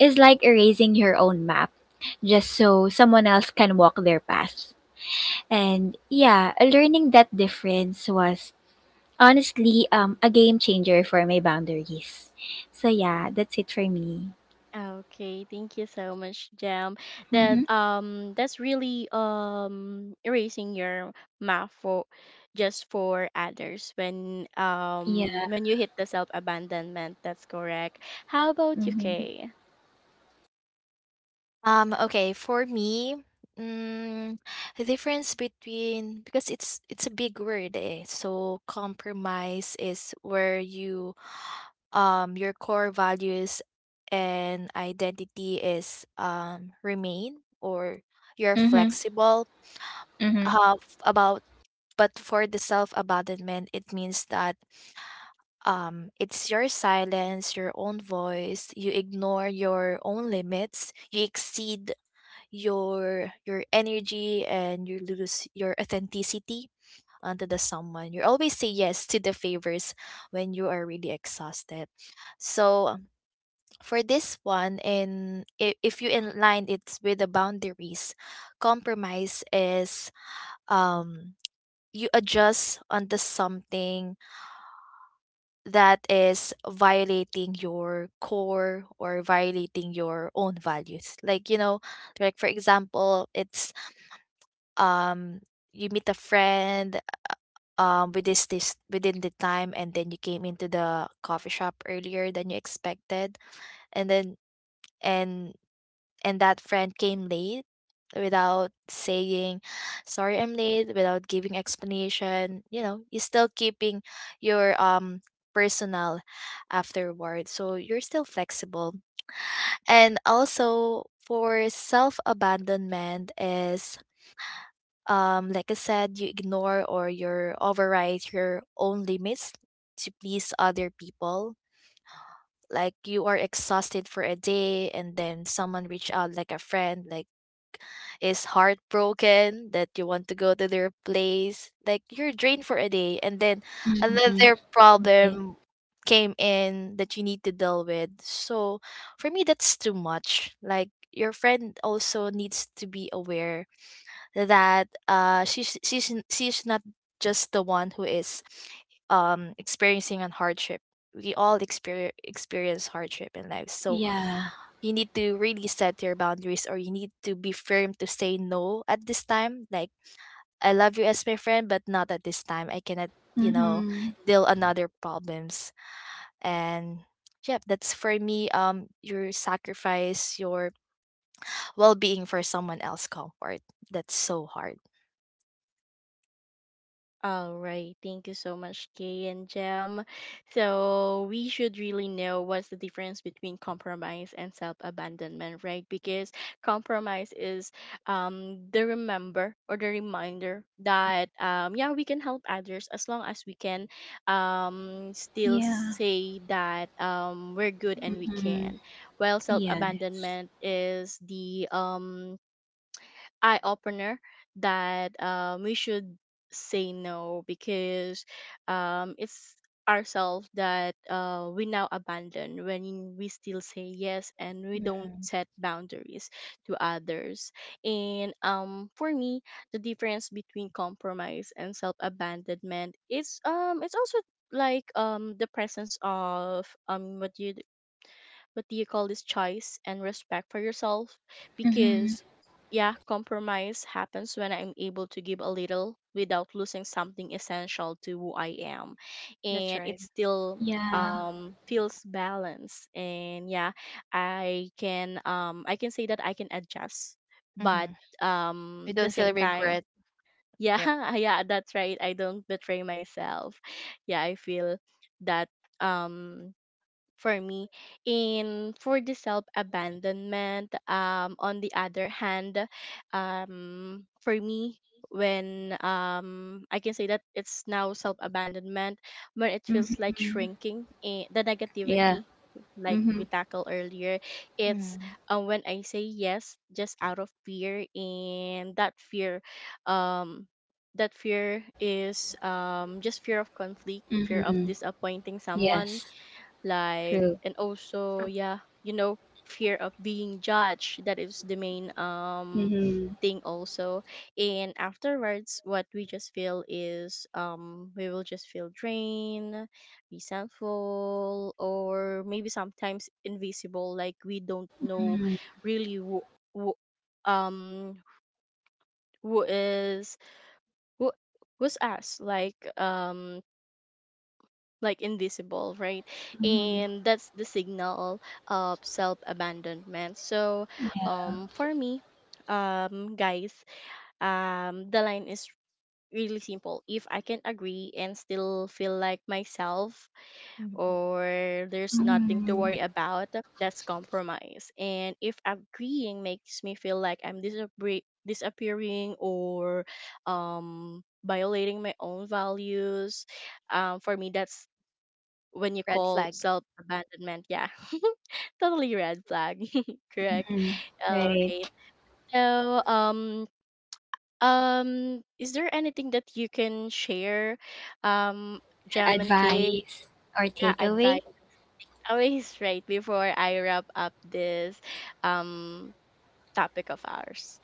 Speaker 2: is like erasing your own map just so someone else can walk their path. And yeah, learning that difference was honestly, a game changer for my boundaries. So yeah, that's it for me.
Speaker 1: Okay, thank you so much, Jam. That
Speaker 2: Mm-hmm.
Speaker 1: that's really erasing your math for just for others
Speaker 2: Yeah.
Speaker 1: when you hit the self abandonment. That's correct. How about you,
Speaker 2: Mm-hmm.
Speaker 1: Kay?
Speaker 3: Okay, for me, mm, the difference between, because it's a big word, eh? So compromise is where you your core values and identity is remain, or you're
Speaker 2: Mm-hmm.
Speaker 3: flexible
Speaker 2: Mm-hmm.
Speaker 3: about. But for the self-abandonment, it means that it's your silence, your own voice, you ignore your own limits, you exceed your energy, and you lose your authenticity onto the someone. You always say yes to the favors when you are really exhausted. So, for this one, and if you align it with the boundaries, compromise is um you adjust onto something that is violating your core or violating your own values. Like you know, like for example, it's um you meet a friend with this within the time, and then you came into the coffee shop earlier than you expected, and then and that friend came late without saying sorry I'm late, without giving explanation. You know, you're still keeping your, um, personal afterward, so you're still flexible. And also, for self abandonment is, like I said, you ignore or you override your own limits to please other people. Like you are exhausted for a day, and then someone reach out, like a friend, like is heartbroken, that you want to go to their place. Like you're drained for a day, and then another problem came in that you need to deal with. So for me, that's too much. Like your friend also needs to be aware that she's not just the one who is, um, experiencing a hardship. We all experience hardship in life, so
Speaker 2: Yeah.
Speaker 3: you need to really set your boundaries, or you need to be firm to say no at this time. Like, I love you as my friend, but not at this time. I cannot, you know,
Speaker 2: Mm-hmm.
Speaker 3: deal another problems. And. Yep, that's for me. Your sacrifice, your well being for someone else's comfort. That's so hard.
Speaker 1: All right, thank you so much, Kay and Jem. So we should really know what's the difference between compromise and self-abandonment, right? Because compromise is the remember or the reminder that yeah, we can help others as long as we can still
Speaker 2: Yeah.
Speaker 1: say that we're good and we
Speaker 2: Mm-hmm.
Speaker 1: can. While
Speaker 2: Yeah.
Speaker 1: self-abandonment is the eye opener that, we should say no because it's ourselves that we now abandon when we still say yes and we
Speaker 3: Mm,
Speaker 1: don't set boundaries to others. And for me, the difference between compromise and self-abandonment is, it's also like the presence of, what you, what do you call this, choice and respect for yourself,
Speaker 2: Mm-hmm.
Speaker 1: because yeah, compromise happens when I'm able to give a little without losing something essential to who I am,
Speaker 3: that's
Speaker 1: and it
Speaker 3: right.
Speaker 1: still
Speaker 2: Yeah.
Speaker 1: feels balanced. And yeah, I can I can say that I can adjust,
Speaker 3: Mm-hmm.
Speaker 1: but
Speaker 3: We
Speaker 1: the
Speaker 3: don't feel
Speaker 1: same time,
Speaker 3: regret.
Speaker 1: yeah,
Speaker 3: Yep.
Speaker 1: yeah, that's right, I don't betray myself, yeah, I feel that um for me. And for the self abandonment, on the other hand, for me, when I can say that it's now self abandonment, when it
Speaker 2: Mm-hmm.
Speaker 1: feels like shrinking, eh, the
Speaker 2: Yeah.
Speaker 1: negativity like we tackled earlier. It's
Speaker 3: Mm-hmm.
Speaker 1: when I say yes just out of fear, and that fear, um that fear is just fear of conflict, fear of disappointing someone,
Speaker 2: Yes.
Speaker 1: like,
Speaker 2: True.
Speaker 1: and also yeah, you know, fear of being judged, that is the main
Speaker 2: Mhm.
Speaker 1: thing also. And afterwards what we just feel is we will just feel drained, resentful, or maybe sometimes invisible, like we don't know
Speaker 2: Mhm.
Speaker 1: really who um who is who who's us, like invisible, right? And that's the signal of self abandonment. So for me, guys, the line is really simple. If I can agree and still feel like myself, or there's nothing to worry
Speaker 2: Mhm.
Speaker 1: about, that's compromise. And if agreeing makes me feel like I'm disappearing, or violating my own values, for me, that's when you
Speaker 3: Red
Speaker 1: call
Speaker 3: flag.
Speaker 1: self abandonment. Yeah, totally red flag. Correct.
Speaker 2: Mhm.
Speaker 1: All
Speaker 2: Right.
Speaker 1: right. So, is there anything that you can share, um, Jam and Kay?
Speaker 2: Advice or
Speaker 1: Yeah,
Speaker 2: takeaway?
Speaker 1: advice always, right, before I wrap up this, um, topic of ours.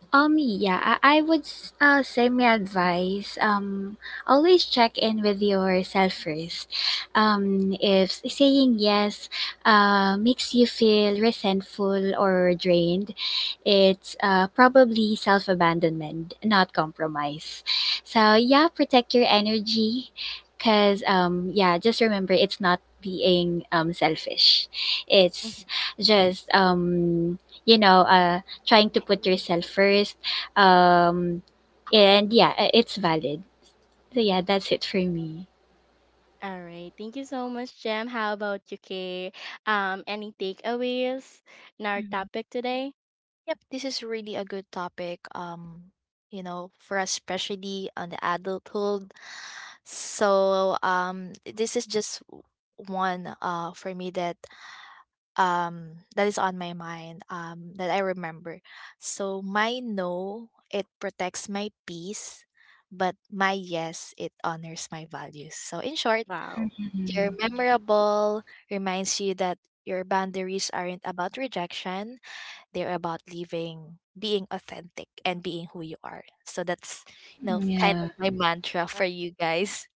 Speaker 2: Yeah, I would, say my advice. Always check in with yourself first. If saying yes, makes you feel resentful or drained, it's, probably self abandonment, not compromise. So yeah, protect your energy, because, yeah, just remember it's not being, selfish, it's
Speaker 1: Mhm.
Speaker 2: just. You know, trying to put yourself first. Um, and yeah, it's valid. So yeah, that's it for me.
Speaker 1: All right. Thank you so much, Jam. How about you, Kay? Any takeaways in our topic today?
Speaker 3: Yep, this is really a good topic. You know, for us, especially on the adulthood. So, this is just one for me that, that is on my mind, that I remember. So my no, it protects my peace, but my yes, it honors my values. So in short,
Speaker 1: Wow.
Speaker 3: your memorable reminds you that your boundaries aren't about rejection, they're about living, being authentic, and being who you are. So that's, you know, kind
Speaker 2: Yeah.
Speaker 3: of my mantra for you guys.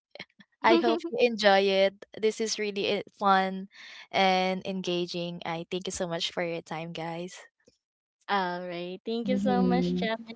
Speaker 3: I hope you enjoy it. This is really fun and engaging. I thank you so much for your time, guys.
Speaker 1: All right. Thank you so much,
Speaker 2: Mm-hmm.
Speaker 1: Gemma.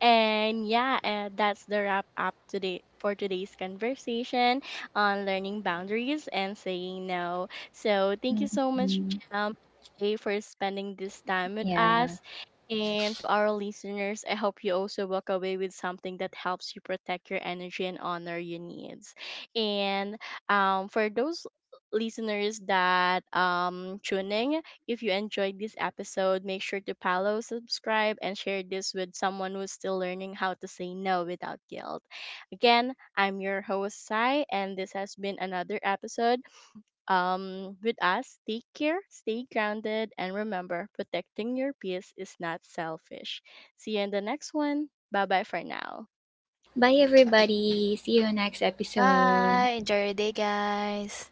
Speaker 1: And yeah, that's the wrap up today for today's conversation on learning boundaries and saying no. So thank you so much,
Speaker 2: Hmm.
Speaker 1: Gem, Jay, for spending this time with
Speaker 2: Yeah.
Speaker 1: us. And to our listeners, I hope you also walk away with something that helps you protect your energy and honor your needs. And for those listeners that tuning if you enjoyed this episode, make sure to follow, subscribe, and share this with someone who's still learning how to say no without guilt. Again, I'm your host, Sai, and this has been another episode. With us, take care, stay grounded, and remember, protecting your peace is not selfish. See you in the next one. Bye bye for now.
Speaker 2: Bye, everybody. See you next episode.
Speaker 3: Bye. Enjoy your day, guys.